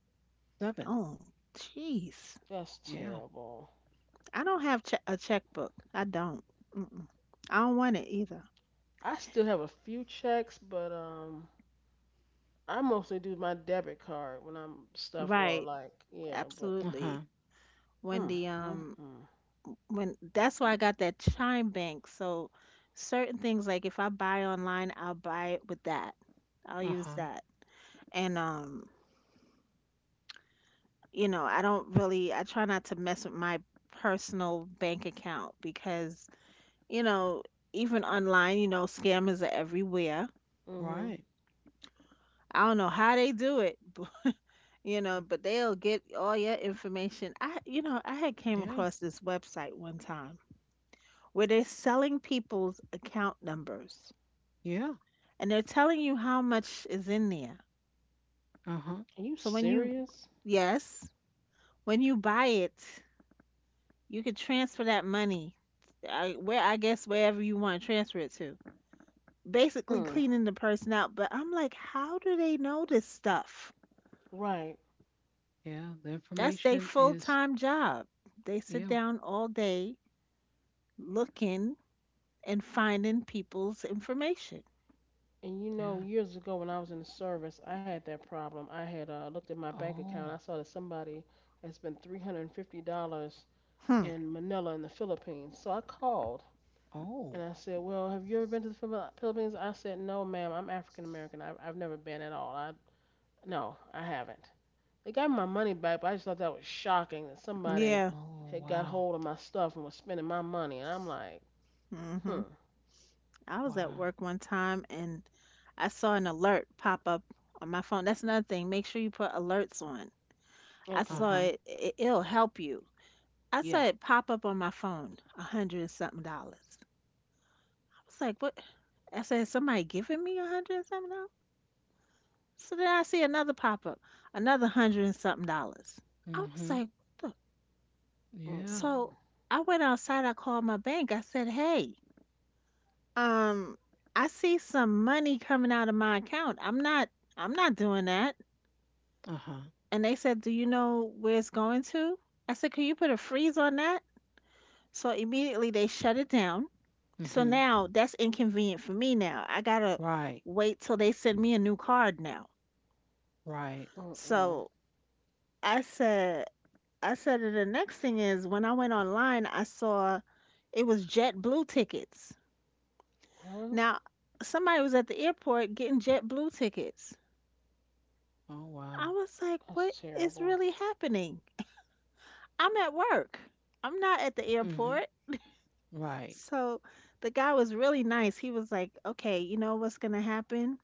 [SPEAKER 1] seven.
[SPEAKER 3] Oh, jeez.
[SPEAKER 2] That's
[SPEAKER 1] Yeah.
[SPEAKER 2] terrible.
[SPEAKER 3] I don't have che a checkbook. I don't. Mm-mm. I don't want it either.
[SPEAKER 2] I still have a few checks, but I mostly do my debit card when I'm stuff or
[SPEAKER 3] Right.
[SPEAKER 2] like yeah, but
[SPEAKER 1] Uh
[SPEAKER 3] Absolutely.
[SPEAKER 1] huh.
[SPEAKER 3] When
[SPEAKER 2] mm
[SPEAKER 3] the
[SPEAKER 2] mm
[SPEAKER 3] um
[SPEAKER 2] mm.
[SPEAKER 3] when that's why I got that Chime Bank. So certain things like if I buy online, I'll buy it with that. I'll
[SPEAKER 1] Uh
[SPEAKER 3] use
[SPEAKER 1] huh.
[SPEAKER 3] that. And I don't I try not to mess with my personal bank account because, you know, even online, scammers are everywhere.
[SPEAKER 2] Mm-hmm.
[SPEAKER 1] Right.
[SPEAKER 3] I don't know how they do it, (laughs) but they'll get all your information. I had came
[SPEAKER 1] Yeah.
[SPEAKER 3] across this website one time where they're selling people's account numbers
[SPEAKER 1] Yeah.
[SPEAKER 3] and they're telling you how much is in there.
[SPEAKER 1] Uh huh.
[SPEAKER 2] Are you
[SPEAKER 3] So when you,
[SPEAKER 2] serious?
[SPEAKER 3] yes, when you buy it, you can transfer that money where I guess wherever you want to transfer it to. Basically
[SPEAKER 2] Mm.
[SPEAKER 3] cleaning the person out, but I'm like, how do they know this stuff?
[SPEAKER 2] Right.
[SPEAKER 1] Yeah, the
[SPEAKER 3] That's their
[SPEAKER 1] information
[SPEAKER 3] full
[SPEAKER 1] is
[SPEAKER 3] time job. They sit
[SPEAKER 1] yeah,
[SPEAKER 3] down all day looking and finding people's information.
[SPEAKER 2] And
[SPEAKER 1] yeah.
[SPEAKER 2] years ago when I was in the service, I had that problem. I had looked at my bank account. I
[SPEAKER 1] Oh,
[SPEAKER 2] saw that somebody had spent $350
[SPEAKER 3] Hmm.
[SPEAKER 2] in Manila in the Philippines. So I called.
[SPEAKER 1] oh,
[SPEAKER 2] And I said, "Well, have you ever been to the Philippines?" I said, "No, ma'am, I'm African American. I've never been at all." I No, I haven't. They got my money back, but I just thought that was shocking that somebody
[SPEAKER 3] Yeah.
[SPEAKER 1] oh,
[SPEAKER 2] had got
[SPEAKER 1] wow,
[SPEAKER 2] hold of my stuff and was spending my money. And I'm like,
[SPEAKER 3] Mhm.
[SPEAKER 2] hmm,
[SPEAKER 3] I was at
[SPEAKER 1] wow.
[SPEAKER 3] work one time and I saw an alert pop up on my phone. That's another thing. Make sure you put alerts on. I
[SPEAKER 1] Uh
[SPEAKER 2] okay.
[SPEAKER 3] saw
[SPEAKER 1] huh.
[SPEAKER 3] it. It'll help you. I
[SPEAKER 1] Yeah.
[SPEAKER 3] saw it pop up on my phone, a hundred and something dollars. I was like, what? I said, somebody giving me a hundred and something dollars? So then I see another pop up, another hundred and something dollars.
[SPEAKER 1] Mm
[SPEAKER 3] I
[SPEAKER 1] hmm.
[SPEAKER 3] was like, what the?
[SPEAKER 2] Mm
[SPEAKER 1] Yeah.
[SPEAKER 3] So
[SPEAKER 2] mm.
[SPEAKER 3] I went outside, I called my bank. I said, hey, um, I see some money coming out of my account. I'm not doing that.
[SPEAKER 1] Uh huh.
[SPEAKER 3] And they said, do you know where it's going to? I said, can you put a freeze on that? So immediately they shut it down.
[SPEAKER 1] Mm
[SPEAKER 3] So
[SPEAKER 1] hmm.
[SPEAKER 3] now that's inconvenient for me now. I gotta
[SPEAKER 1] Right.
[SPEAKER 3] wait till they send me a new card now.
[SPEAKER 1] Right.
[SPEAKER 2] Mm mm.
[SPEAKER 3] So I said, I said, "And the next thing is when I went online, I saw it was JetBlue tickets.
[SPEAKER 2] What?
[SPEAKER 3] Now, somebody was at the airport getting JetBlue tickets.
[SPEAKER 1] Oh
[SPEAKER 3] I
[SPEAKER 1] wow.
[SPEAKER 3] was like, what
[SPEAKER 2] That's
[SPEAKER 3] is
[SPEAKER 2] terrible.
[SPEAKER 3] really happening? I'm at work. I'm not at the
[SPEAKER 1] Mm hmm.
[SPEAKER 3] airport.
[SPEAKER 1] Right.
[SPEAKER 3] So the guy was really nice. He was like, okay, you know what's gonna happen?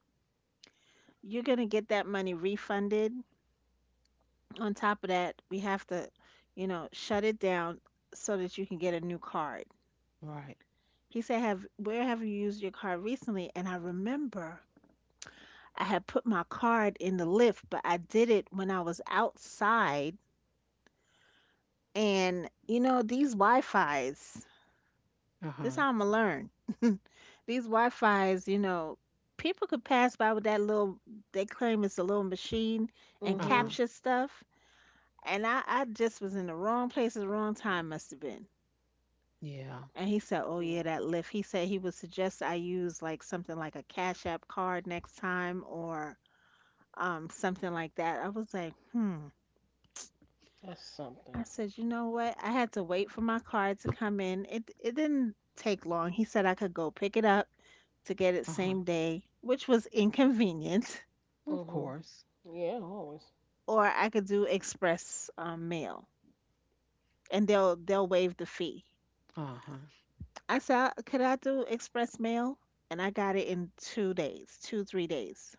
[SPEAKER 3] You're gonna get that money refunded. On top of that, we have to, you know, shut it down so that you can get a new card.
[SPEAKER 1] Right.
[SPEAKER 3] He said, "Have where have you used your card recently?" And I remember I had put my card in the lift, but I did it when I was outside. And you know, these
[SPEAKER 1] Uh
[SPEAKER 3] this
[SPEAKER 1] huh.
[SPEAKER 3] how I'ma learn. These Wi-Fi's, you know, people could pass by with that little. They claim it's a little machine
[SPEAKER 2] Mm
[SPEAKER 3] and
[SPEAKER 1] Uh
[SPEAKER 2] hmm.
[SPEAKER 1] huh.
[SPEAKER 3] capture stuff. And I just was in the wrong place at the wrong time. Must have been.
[SPEAKER 1] Yeah.
[SPEAKER 3] And he said, "Oh yeah,
[SPEAKER 2] Yeah,
[SPEAKER 3] that Lyft." He said he would suggest I use like something like a Cash App card next time or something like that. I was like, "Hmm."
[SPEAKER 2] that's something.
[SPEAKER 3] I said, "You know what? I had to wait for my card to come in. It didn't take long." He said I could go pick it up to get it
[SPEAKER 1] Uh huh.
[SPEAKER 3] same day, which was inconvenient,
[SPEAKER 1] Of
[SPEAKER 2] Mm
[SPEAKER 1] course.
[SPEAKER 2] hmm. Yeah, always.
[SPEAKER 3] (laughs) or I could do express mail and they'll waive the fee.
[SPEAKER 1] Uh huh.
[SPEAKER 3] I said, "Could I do express mail?" And I got it in 2 days, 2 3 days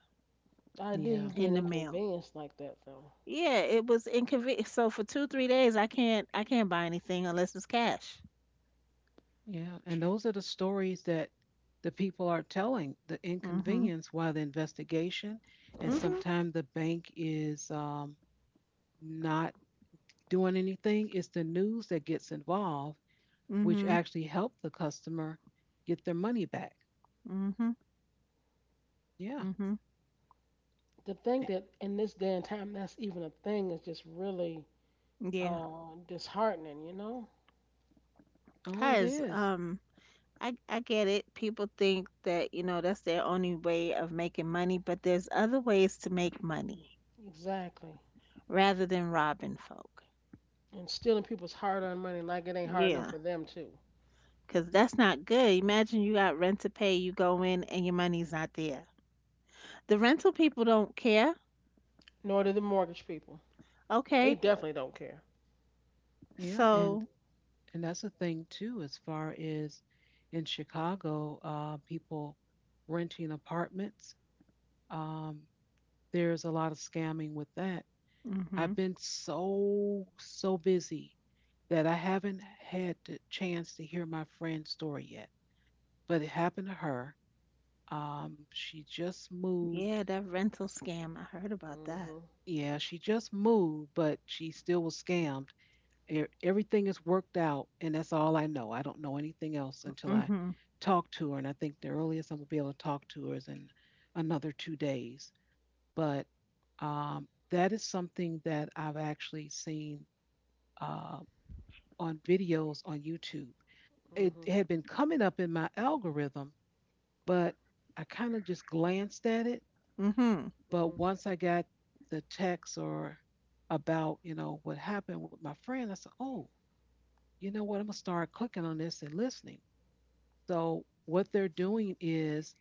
[SPEAKER 2] The idea
[SPEAKER 1] Yeah.
[SPEAKER 2] you
[SPEAKER 3] in
[SPEAKER 2] being
[SPEAKER 3] the mail.
[SPEAKER 2] inconvenienced like that, though.
[SPEAKER 3] Yeah, it was inconvenient. So for two, 3 days, I can't buy anything unless it's cash.
[SPEAKER 1] Yeah. And those are the stories that the people are telling. The
[SPEAKER 3] Mhm.
[SPEAKER 1] inconvenience while the investigation, and
[SPEAKER 3] Mhm.
[SPEAKER 1] sometimes the bank is not doing anything. It's the news that gets involved, which
[SPEAKER 3] Mhm.
[SPEAKER 1] actually help the customer get their money back.
[SPEAKER 3] Mhm.
[SPEAKER 1] Yeah.
[SPEAKER 3] Mhm.
[SPEAKER 2] To think
[SPEAKER 1] eh,
[SPEAKER 2] that in this day and time that's even a thing is just really
[SPEAKER 3] Yeah,
[SPEAKER 2] disheartening, you know?
[SPEAKER 1] Oh, it
[SPEAKER 3] cause
[SPEAKER 1] is.
[SPEAKER 3] I get it. People think that you know that's their only way of making money, but there's other ways to make money
[SPEAKER 2] Exactly.
[SPEAKER 3] rather than robbing folk.
[SPEAKER 2] And stealing people's hard earned money like it ain't hard enough
[SPEAKER 3] Yeah,
[SPEAKER 2] for them, too.
[SPEAKER 3] cause that's not good. Imagine you got rent to pay, you go in and your money's not there. The rental people don't care.
[SPEAKER 2] Nor do the mortgage people. They,
[SPEAKER 3] Okay,
[SPEAKER 2] right, definitely don't care.
[SPEAKER 1] Yeah, and
[SPEAKER 3] so.
[SPEAKER 1] and that's a thing too, as far as in Chicago, people renting apartments. Um, there's a lot of scamming with that.
[SPEAKER 3] Mm-hmm.
[SPEAKER 1] I've been so busy that I haven't had the chance to hear my friend's story yet, but it happened to her. She just moved.
[SPEAKER 3] Yeah, that rental scam. I heard about that.
[SPEAKER 2] Hmm.
[SPEAKER 1] Yeah, she just moved, but she still was scammed. Everything is worked out, and that's all I know. I don't know anything else until I
[SPEAKER 3] Mm-hmm.
[SPEAKER 1] talk to her, and I think the earliest I'm gonna be able to talk to her is in another 2 days. But that is something that I've actually seen uh, on videos on YouTube. It
[SPEAKER 2] Hmm.
[SPEAKER 1] had been coming up in my algorithm, but I kind of just glanced at it.
[SPEAKER 3] Mm-hmm.
[SPEAKER 2] Hmm.
[SPEAKER 1] But once I got the text or about, you know, what happened with my friend, I said, oh, you know what? I'm going to start clicking on this and listening. So, what they're doing is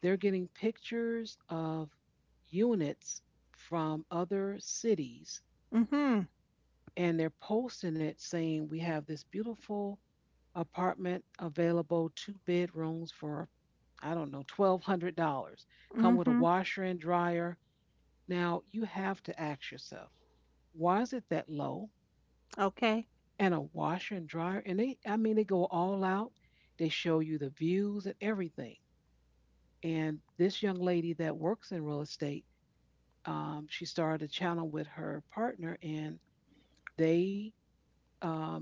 [SPEAKER 1] they're getting pictures of units from other cities
[SPEAKER 3] Mm-hmm.
[SPEAKER 1] and they're posting it saying, we have this beautiful apartment available, two bedrooms for, I don't know, $1,200. Come with a
[SPEAKER 3] Mm-hmm.
[SPEAKER 1] washer and dryer. Now, you have to ask yourself, why is it that low?
[SPEAKER 3] Okay.
[SPEAKER 1] And a washer and dryer. And they, I mean, they go all out. They show you the views and everything. And this young lady that works in real estate, she started a channel with her partner, and they um,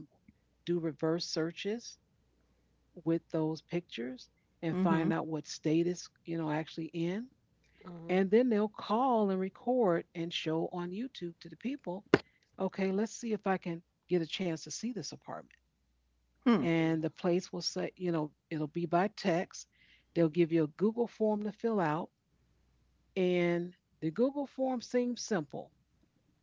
[SPEAKER 1] do reverse searches with those pictures and
[SPEAKER 3] Mm-hmm.
[SPEAKER 1] find out what state it's, you know, actually in.
[SPEAKER 2] Hmm.
[SPEAKER 1] And then they'll call and record and show on YouTube to the people, okay, let's see if I can get a chance to see this apartment.
[SPEAKER 3] Hmm.
[SPEAKER 2] Mm-mm.
[SPEAKER 1] And the place will say, you know, it'll be by text. They'll give you a Google form to fill out, and the Google form seems simple.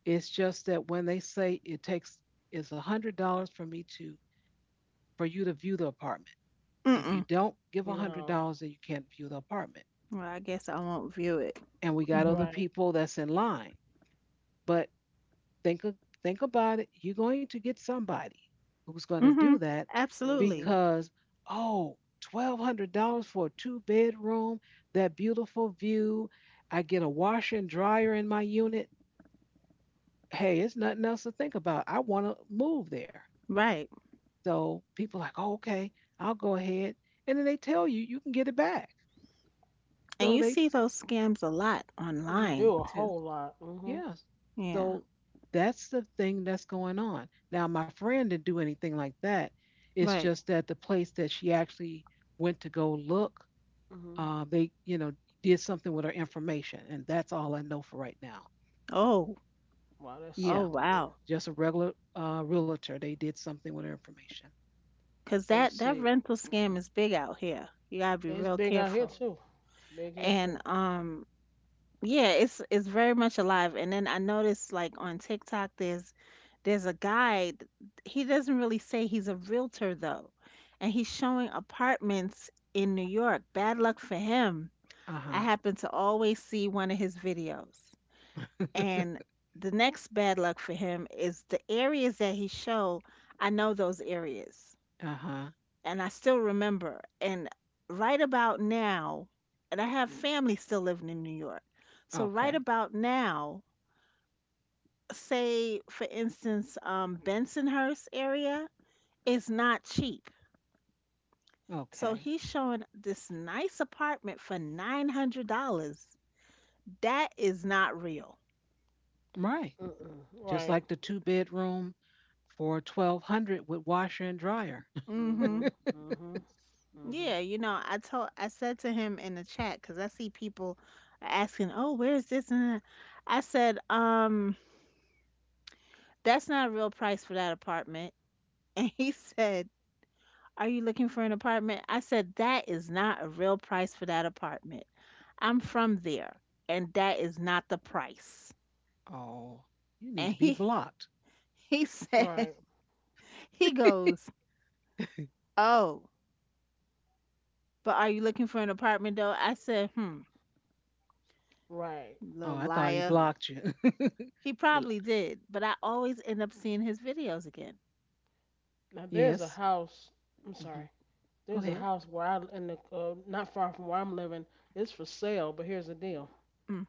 [SPEAKER 1] It's just that when they say it takes is $100 for me to for you to view the apartment. If you
[SPEAKER 3] Mm-mm.
[SPEAKER 1] don't give
[SPEAKER 2] No.
[SPEAKER 1] $100, then you can't view the apartment.
[SPEAKER 3] Well, I guess I won't view it.
[SPEAKER 1] And we got other
[SPEAKER 3] Mm-hmm.
[SPEAKER 2] Right.
[SPEAKER 1] people that's in line. But Think a- think about it. You're going to get somebody who's going to do
[SPEAKER 3] Mm-hmm.
[SPEAKER 1] that
[SPEAKER 3] Absolutely.
[SPEAKER 2] Hmm.
[SPEAKER 1] because oh, $1,200 for a two bedroom, that beautiful view. I get a washer and dryer in my unit. Hey, it's nothing else to think about. I want to move there.
[SPEAKER 3] Right.
[SPEAKER 1] So people like, oh, okay, I'll go ahead, and then they tell you you can get it back.
[SPEAKER 3] And
[SPEAKER 1] So
[SPEAKER 3] you
[SPEAKER 1] they.
[SPEAKER 3] see those scams a lot
[SPEAKER 2] You
[SPEAKER 3] online
[SPEAKER 2] do a
[SPEAKER 3] too.
[SPEAKER 2] whole lot. Hmm.
[SPEAKER 1] Yeah.
[SPEAKER 3] Yeah.
[SPEAKER 1] So that's the thing that's going on. Now, my friend didn't do anything like that. It's
[SPEAKER 3] Right.
[SPEAKER 1] just that the place that she actually went to go look,
[SPEAKER 2] Hmm.
[SPEAKER 1] they, you know, did something with her information. And that's all I know for right now.
[SPEAKER 3] Oh.
[SPEAKER 2] Wow, that's
[SPEAKER 3] Oh
[SPEAKER 1] Yeah.
[SPEAKER 2] something.
[SPEAKER 3] wow.
[SPEAKER 1] Just a regular realtor. They did something with her information.
[SPEAKER 3] 'Cause
[SPEAKER 2] And
[SPEAKER 3] that that
[SPEAKER 2] see,
[SPEAKER 3] rental scam is big out here. You gotta be
[SPEAKER 2] it's
[SPEAKER 3] real
[SPEAKER 2] big out here,
[SPEAKER 3] careful.
[SPEAKER 2] too. It's big here, too.
[SPEAKER 3] And Yeah, it's very much alive. And then I noticed like on TikTok there's a guy, he doesn't really say he's a realtor though. And he's showing apartments in New York. Bad luck for him.
[SPEAKER 1] Uh huh.
[SPEAKER 3] I happen to always see one of his videos.
[SPEAKER 1] (laughs)
[SPEAKER 3] And the next bad luck for him is the areas that he show, I know those areas
[SPEAKER 1] Uh huh.
[SPEAKER 3] and I still remember. And right about now, and I have family still living in New York. So right
[SPEAKER 1] Okay.
[SPEAKER 3] about now, say for instance, Bensonhurst area is not cheap. So
[SPEAKER 1] Okay.
[SPEAKER 3] he's showing this nice apartment for $900. That is not real.
[SPEAKER 1] Right.
[SPEAKER 2] Mm-mm.
[SPEAKER 1] Just
[SPEAKER 2] Right.
[SPEAKER 1] like the two bedroom for 1200 with washer and dryer. (laughs)
[SPEAKER 3] Hmm.
[SPEAKER 2] Hmm. Hmm. Hmm.
[SPEAKER 3] Yeah, you know, I said to him in the chat because I see people are asking, "Oh, where's this? And that?" I said, that's not a real price for that apartment." And he said, are you looking for an apartment? I said, that is not a real price for that apartment. I'm from there, and that is not the price.
[SPEAKER 1] Oh, you need
[SPEAKER 3] And
[SPEAKER 1] to be
[SPEAKER 3] he
[SPEAKER 1] blocked.
[SPEAKER 3] (laughs) he said,
[SPEAKER 2] Right.
[SPEAKER 3] he goes,
[SPEAKER 1] (laughs)
[SPEAKER 3] oh, but are you looking for an apartment though? I said, hmm,
[SPEAKER 2] Right.
[SPEAKER 1] Oh,
[SPEAKER 3] little
[SPEAKER 1] I thought he
[SPEAKER 3] liar.
[SPEAKER 2] Hmm.
[SPEAKER 1] blocked you. (laughs)
[SPEAKER 3] He
[SPEAKER 1] You're
[SPEAKER 3] probably
[SPEAKER 1] like,
[SPEAKER 3] did, but I always end up seeing his videos again.
[SPEAKER 2] Now there's a
[SPEAKER 1] yes.
[SPEAKER 2] house. I'm
[SPEAKER 1] Hmm.
[SPEAKER 2] sorry.
[SPEAKER 1] Go
[SPEAKER 2] There's a
[SPEAKER 1] ahead.
[SPEAKER 2] house where I in the not far from where I'm living. It's for sale, but here's the deal.
[SPEAKER 3] Mm.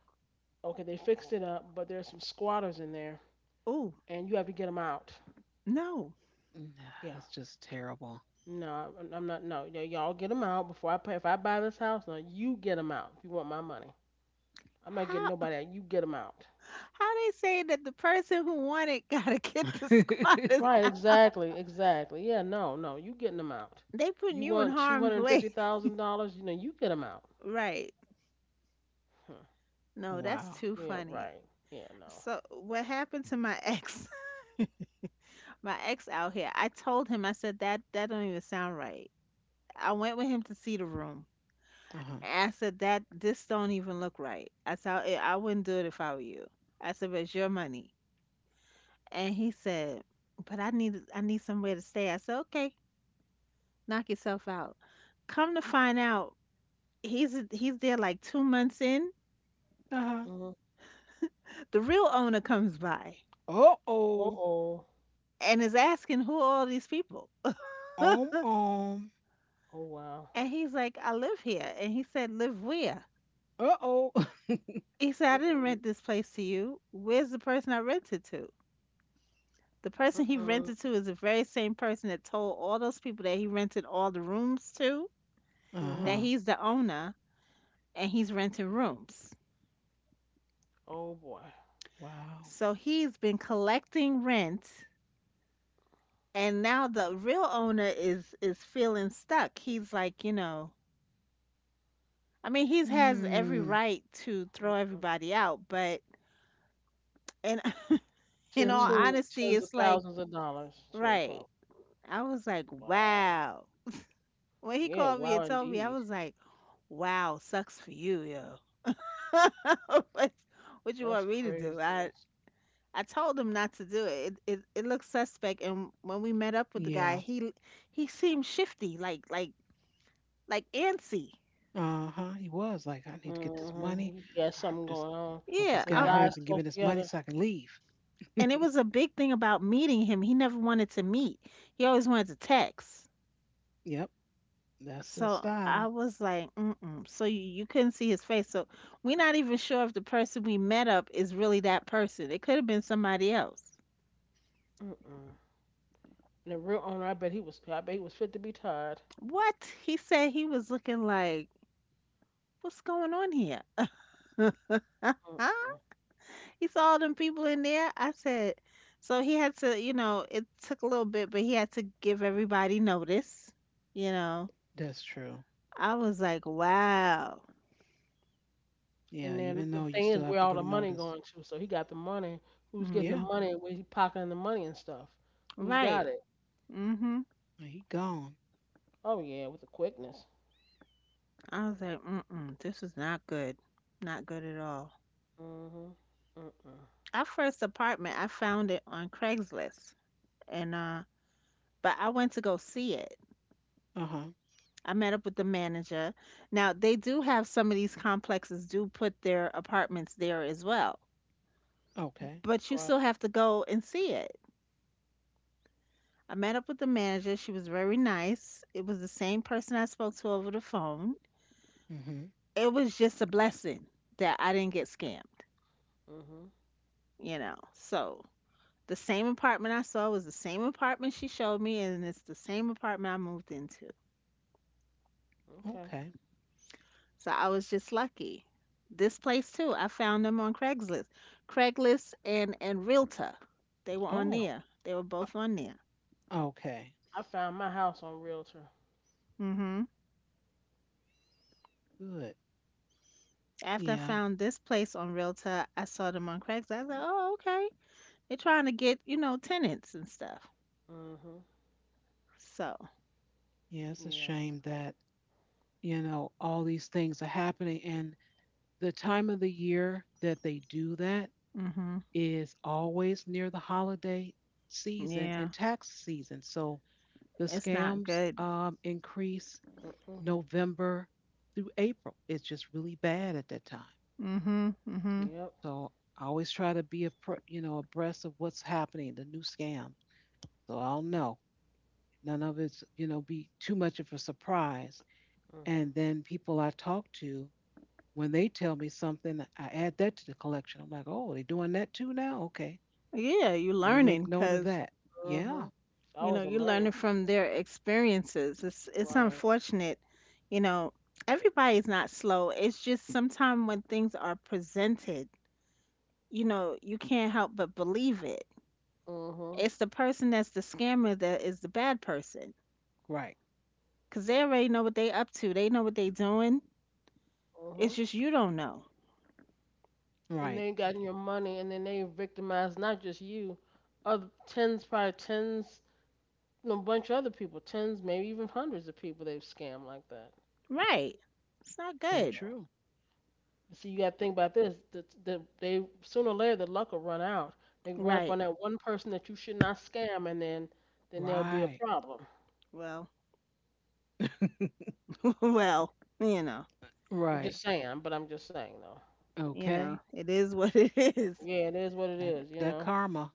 [SPEAKER 2] Okay, they fixed it up, but there's some squatters in there,
[SPEAKER 3] Oh,
[SPEAKER 2] and you have to get them out.
[SPEAKER 3] no.
[SPEAKER 1] "Nah,"
[SPEAKER 2] Yeah.
[SPEAKER 1] that's just terrible.
[SPEAKER 2] No, not. No, y'all get them out before I pay. If I buy this house, no, you get them out if you want my money. I'm not getting
[SPEAKER 3] How
[SPEAKER 2] nobody out. You get them out.
[SPEAKER 3] how they saying that the person who won it (laughs) gotta get the
[SPEAKER 1] (laughs)
[SPEAKER 3] squatters
[SPEAKER 2] Right,
[SPEAKER 3] out?
[SPEAKER 2] exactly, exactly. Yeah, no, no, you getting them out.
[SPEAKER 3] They putting
[SPEAKER 2] You
[SPEAKER 3] you in
[SPEAKER 2] want two
[SPEAKER 3] harm's
[SPEAKER 2] hundred and fifty
[SPEAKER 3] way.
[SPEAKER 2] thousand dollars? You know, you get them out.
[SPEAKER 3] Right.
[SPEAKER 2] Huh.
[SPEAKER 3] No, that's
[SPEAKER 1] Wow.
[SPEAKER 3] too
[SPEAKER 2] Yeah,
[SPEAKER 3] funny.
[SPEAKER 2] right. Yeah, no.
[SPEAKER 3] So what happened to my ex? (laughs) My ex out here. I told him, I said that that don't even sound right. I went with him to see the room.
[SPEAKER 1] Uh huh.
[SPEAKER 3] I said that this don't even look right. I said I wouldn't do it if I were you. I said, but it's your money. And he said, but I need somewhere to stay. I said, okay, knock yourself out. Come to find out, he's there like 2 months in.
[SPEAKER 1] Uh huh.
[SPEAKER 2] Mm-hmm.
[SPEAKER 3] The real owner comes by
[SPEAKER 1] Uh oh.
[SPEAKER 2] Uh-oh.
[SPEAKER 3] and is asking who are all these people.
[SPEAKER 1] Um um.
[SPEAKER 2] Oh, wow.
[SPEAKER 3] And he's like, I live here. And he said, live where?
[SPEAKER 1] Uh oh. Uh
[SPEAKER 3] He said, I didn't
[SPEAKER 2] Mm-mm.
[SPEAKER 3] rent this place to you. Where's the person I rented to? The person he
[SPEAKER 2] Mm-mm.
[SPEAKER 3] rented to is the very same person that told all those people that he rented all the rooms to, that
[SPEAKER 2] Mm-hmm.
[SPEAKER 1] huh. (laughs)
[SPEAKER 3] he's the owner and he's renting rooms.
[SPEAKER 2] Oh, boy.
[SPEAKER 1] Wow.
[SPEAKER 3] So he's been collecting rent and now the real owner is feeling stuck. He's like, you know, I mean, he's has every
[SPEAKER 1] Hmm.
[SPEAKER 3] right to throw
[SPEAKER 2] Mm-mm.
[SPEAKER 3] everybody out, but in (laughs)
[SPEAKER 2] To
[SPEAKER 3] in
[SPEAKER 2] the
[SPEAKER 3] all
[SPEAKER 1] True.
[SPEAKER 2] tune of
[SPEAKER 3] honesty,
[SPEAKER 2] tens of
[SPEAKER 3] it's like,
[SPEAKER 2] thousands of dollars, too,
[SPEAKER 3] right.
[SPEAKER 2] probably.
[SPEAKER 3] I was like,
[SPEAKER 2] Wow.
[SPEAKER 3] wow. When he
[SPEAKER 2] Yeah,
[SPEAKER 3] called me
[SPEAKER 2] wow,
[SPEAKER 3] and told me, I
[SPEAKER 2] indeed.
[SPEAKER 3] was like, wow, sucks for you, yo. (laughs) what, what you
[SPEAKER 2] That's
[SPEAKER 3] want me to do?
[SPEAKER 2] craziness.
[SPEAKER 3] I told him not to do it. It looked suspect. And when we met up with the guy,
[SPEAKER 1] Yeah.
[SPEAKER 3] he seemed shifty, like like antsy.
[SPEAKER 1] Uh huh. He was like, I need to get this money.
[SPEAKER 2] Mm-hmm. He got
[SPEAKER 1] I
[SPEAKER 2] something going on.
[SPEAKER 1] hope
[SPEAKER 3] Yeah,
[SPEAKER 1] this
[SPEAKER 2] With
[SPEAKER 1] guy
[SPEAKER 2] his
[SPEAKER 3] I,
[SPEAKER 1] hurry up
[SPEAKER 2] eyes
[SPEAKER 1] and give me
[SPEAKER 2] close
[SPEAKER 1] this money
[SPEAKER 2] together.
[SPEAKER 1] so I can leave.
[SPEAKER 3] and it was a big thing about meeting him. He never wanted to meet. He always wanted to text.
[SPEAKER 1] Yep. That's the
[SPEAKER 3] So I
[SPEAKER 1] style.
[SPEAKER 3] was like, mm-mm. You couldn't see his face. So we're not even sure if the person we met up is really that person. It could have been somebody else.
[SPEAKER 2] Mm-mm. And the real owner, I bet he was fit to be tied.
[SPEAKER 3] What? He said he was looking like, what's going on here? Huh?
[SPEAKER 2] Mm-mm.
[SPEAKER 3] He saw all them people in there. I said, so he had to, you know, it took a little bit, but he had to give everybody notice. You know,
[SPEAKER 1] That's true.
[SPEAKER 3] I was like, wow.
[SPEAKER 2] And
[SPEAKER 1] Yeah,
[SPEAKER 2] then
[SPEAKER 1] even
[SPEAKER 2] the
[SPEAKER 1] though you
[SPEAKER 2] thing is,
[SPEAKER 1] still have
[SPEAKER 2] where
[SPEAKER 1] to
[SPEAKER 2] all
[SPEAKER 1] give
[SPEAKER 2] the money
[SPEAKER 1] notice.
[SPEAKER 2] going to? So he got the money. Who's getting the
[SPEAKER 1] Yeah,
[SPEAKER 3] Hmm.
[SPEAKER 2] money? Where he pocketing the money and stuff? Who's got
[SPEAKER 3] Right.
[SPEAKER 2] it?
[SPEAKER 3] Hmm.
[SPEAKER 1] he gone.
[SPEAKER 2] Oh yeah, with the quickness.
[SPEAKER 3] I was like, mm-mm, this is not good. Not good at all.
[SPEAKER 2] Mhm. Mm-mm.
[SPEAKER 3] Our first apartment, I found it on Craigslist, and but I went to go see it.
[SPEAKER 1] Uh huh.
[SPEAKER 3] I met up with the manager. Now they do have some of these complexes do put their apartments there as well,
[SPEAKER 1] Okay.
[SPEAKER 3] but you
[SPEAKER 2] Right.
[SPEAKER 3] still have to go and see it. I met up with the manager. She was very nice. It was the same person I spoke to over the phone.
[SPEAKER 1] Mhm.
[SPEAKER 3] It was just a blessing that I didn't get scammed,
[SPEAKER 2] Mhm.
[SPEAKER 3] you know. So the same apartment I saw was the same apartment she showed me, and it's the same apartment I moved into.
[SPEAKER 2] Okay.
[SPEAKER 1] Okay.
[SPEAKER 3] So I was just lucky. This place too, I found them on Craigslist. Craigslist and Realtor. They were on
[SPEAKER 2] Oh,
[SPEAKER 1] Oh.
[SPEAKER 3] there. They were
[SPEAKER 1] Uh,
[SPEAKER 3] both on there.
[SPEAKER 1] okay.
[SPEAKER 2] I found my house on Realtor.
[SPEAKER 3] Mhm.
[SPEAKER 1] Good.
[SPEAKER 3] After I
[SPEAKER 1] Yeah.
[SPEAKER 3] found this place on Realtor, I saw them on Craigslist. I was like, "Oh, okay. They're trying to get, you know, tenants and stuff."
[SPEAKER 2] Mhm.
[SPEAKER 3] So,
[SPEAKER 1] Yeah. It's a
[SPEAKER 2] Yeah.
[SPEAKER 1] shame that you know all these things are happening, and the time of the year that they do that
[SPEAKER 3] mhm.
[SPEAKER 1] is always near the holiday season and
[SPEAKER 3] Yeah.
[SPEAKER 1] tax season. So the
[SPEAKER 3] It's not
[SPEAKER 1] scams
[SPEAKER 3] good.
[SPEAKER 1] increase
[SPEAKER 2] Mm-mm.
[SPEAKER 1] November through April. It's just really bad at that time.
[SPEAKER 3] Mhm. Mhm.
[SPEAKER 2] Yep.
[SPEAKER 1] So I always try to be a you know abreast of what's happening, the new scam. So I'll know. None of it's you know be too much of a surprise.
[SPEAKER 2] Mhm.
[SPEAKER 1] And then people I talk to, when they tell me something, I add that to the collection. I'm like, oh, they're doing that too now. Okay,
[SPEAKER 3] Yeah, you
[SPEAKER 1] let me make
[SPEAKER 3] learning
[SPEAKER 1] note of
[SPEAKER 3] cuz
[SPEAKER 1] that. Yeah,
[SPEAKER 2] Mhm. I
[SPEAKER 3] you know,
[SPEAKER 2] was a
[SPEAKER 3] you're
[SPEAKER 2] learning
[SPEAKER 3] learning from their
[SPEAKER 2] experience.
[SPEAKER 3] experiences. It's
[SPEAKER 2] Right.
[SPEAKER 3] unfortunate. You know, everybody's not slow. It's just sometimes when things are presented, you know, you can't help but believe it.
[SPEAKER 2] Mhm.
[SPEAKER 3] It's the person that's the scammer that is the bad person.
[SPEAKER 1] right,
[SPEAKER 3] 'Cause they already know what they up to. They know what they doing.
[SPEAKER 2] Mhm.
[SPEAKER 3] It's just you don't know.
[SPEAKER 2] And they
[SPEAKER 1] right.
[SPEAKER 2] got your money, and then they victimized not just you, other tens, probably tens, no bunch of other people, tens, maybe even hundreds of people they've scammed like that.
[SPEAKER 3] Right. It's not
[SPEAKER 1] So
[SPEAKER 3] good.
[SPEAKER 2] So.
[SPEAKER 1] true.
[SPEAKER 2] See, you got to think about this. They sooner or later the luck will run out. They run up
[SPEAKER 3] Right.
[SPEAKER 2] on that one person that you should not scam, and then there'll be a
[SPEAKER 1] Right,
[SPEAKER 2] problem.
[SPEAKER 3] Well,
[SPEAKER 1] (laughs)
[SPEAKER 3] (laughs) well, you know,
[SPEAKER 2] I'm
[SPEAKER 1] right.
[SPEAKER 2] just saying, but I'm just saying though.
[SPEAKER 3] you know,
[SPEAKER 1] Okay,
[SPEAKER 3] it is what it (laughs) is.
[SPEAKER 2] Yeah, it is what it
[SPEAKER 1] that
[SPEAKER 2] is, you
[SPEAKER 1] that
[SPEAKER 2] know.
[SPEAKER 1] karma.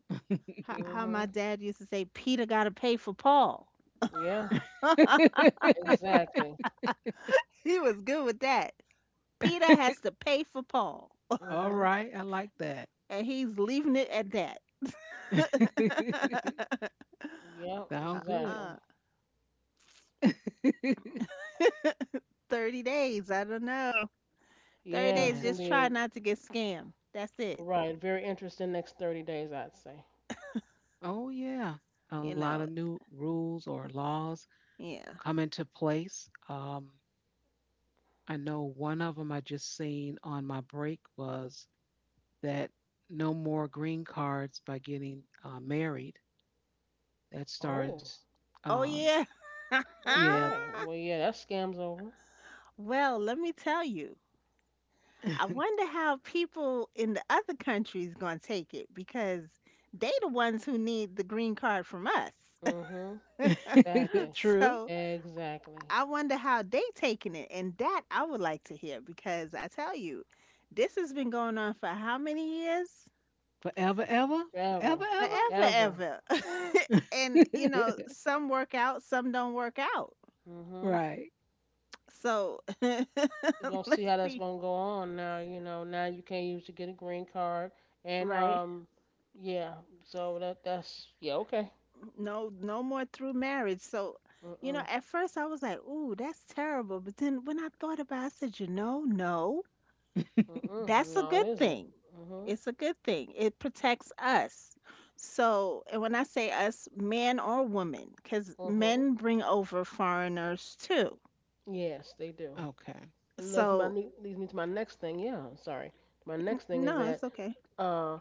[SPEAKER 3] How my
[SPEAKER 2] Mhm.
[SPEAKER 3] dad used to say, Peter got to pay for Paul.
[SPEAKER 2] Yeah.
[SPEAKER 1] (laughs)
[SPEAKER 3] (laughs)
[SPEAKER 2] Exactly.
[SPEAKER 3] He was good with that. Peter has to pay for Paul,
[SPEAKER 1] All
[SPEAKER 2] Mhm.
[SPEAKER 1] right, I like that.
[SPEAKER 3] and he's leaving it at that.
[SPEAKER 1] (laughs)
[SPEAKER 2] Yeah.
[SPEAKER 1] Sound
[SPEAKER 3] (laughs)
[SPEAKER 1] good.
[SPEAKER 3] uh,
[SPEAKER 2] Exactly.
[SPEAKER 1] (laughs)
[SPEAKER 3] 30 days, I don't know. 30
[SPEAKER 2] Yeah.
[SPEAKER 3] days,
[SPEAKER 2] It's gonna
[SPEAKER 1] yeah.
[SPEAKER 3] just try
[SPEAKER 2] be
[SPEAKER 3] not to get scammed. That's it.
[SPEAKER 2] right. Very interesting next 30 days, I'd say.
[SPEAKER 1] Oh, yeah. A
[SPEAKER 3] You
[SPEAKER 1] lot
[SPEAKER 3] know,
[SPEAKER 1] of new rules or laws
[SPEAKER 3] yeah.
[SPEAKER 1] come into place. I know one of them I just seen on my break was that no more green cards by getting married. That starts,
[SPEAKER 2] Oh.
[SPEAKER 3] Oh,
[SPEAKER 1] um,
[SPEAKER 3] yeah.
[SPEAKER 1] yeah,
[SPEAKER 3] (laughs)
[SPEAKER 2] Okay. Well, yeah. That scam's over.
[SPEAKER 3] Well, let me tell you. I wonder how people in the other countries going to take it because they the ones who need the green card from us. (laughs)
[SPEAKER 2] Mhm.
[SPEAKER 1] (laughs)
[SPEAKER 2] Exactly.
[SPEAKER 1] true.
[SPEAKER 3] So
[SPEAKER 2] Exactly.
[SPEAKER 3] I wonder how they taking it, and that I would like to hear because I tell you, this has been going on for how many years?
[SPEAKER 1] Forever, ever,
[SPEAKER 2] Forever.
[SPEAKER 3] Forever,
[SPEAKER 1] forever,
[SPEAKER 2] Forever.
[SPEAKER 3] ever. (laughs) And you know,
[SPEAKER 1] ever.
[SPEAKER 3] some work out, some don't work out.
[SPEAKER 1] (laughs)
[SPEAKER 2] Mhm.
[SPEAKER 1] right. (laughs)
[SPEAKER 3] So (laughs) let's
[SPEAKER 2] You're gonna see how that's
[SPEAKER 3] see,
[SPEAKER 2] gonna go on now. You know, now you can't use to get a green card, and
[SPEAKER 3] right?
[SPEAKER 2] yeah. So that's yeah okay.
[SPEAKER 3] No, no more through marriage. So, you know,
[SPEAKER 2] Mm
[SPEAKER 3] at first I was like, "Ooh, that's terrible," but then when I thought about, it, I said, "You know, no."
[SPEAKER 2] mm mm.
[SPEAKER 3] That's a
[SPEAKER 2] No,
[SPEAKER 3] good
[SPEAKER 2] it isn't.
[SPEAKER 3] thing.
[SPEAKER 2] Mhm.
[SPEAKER 3] It's a good thing. It protects us. So, and when I say us, man or woman, because
[SPEAKER 2] Mhm.
[SPEAKER 3] men bring over foreigners too.
[SPEAKER 2] Yes, they do.
[SPEAKER 1] Okay.
[SPEAKER 2] And that's my
[SPEAKER 3] So,
[SPEAKER 2] leads me to my next thing. Yeah, I'm sorry. My
[SPEAKER 3] n-
[SPEAKER 2] next thing is
[SPEAKER 3] no, it's
[SPEAKER 2] that
[SPEAKER 3] okay.
[SPEAKER 2] uh,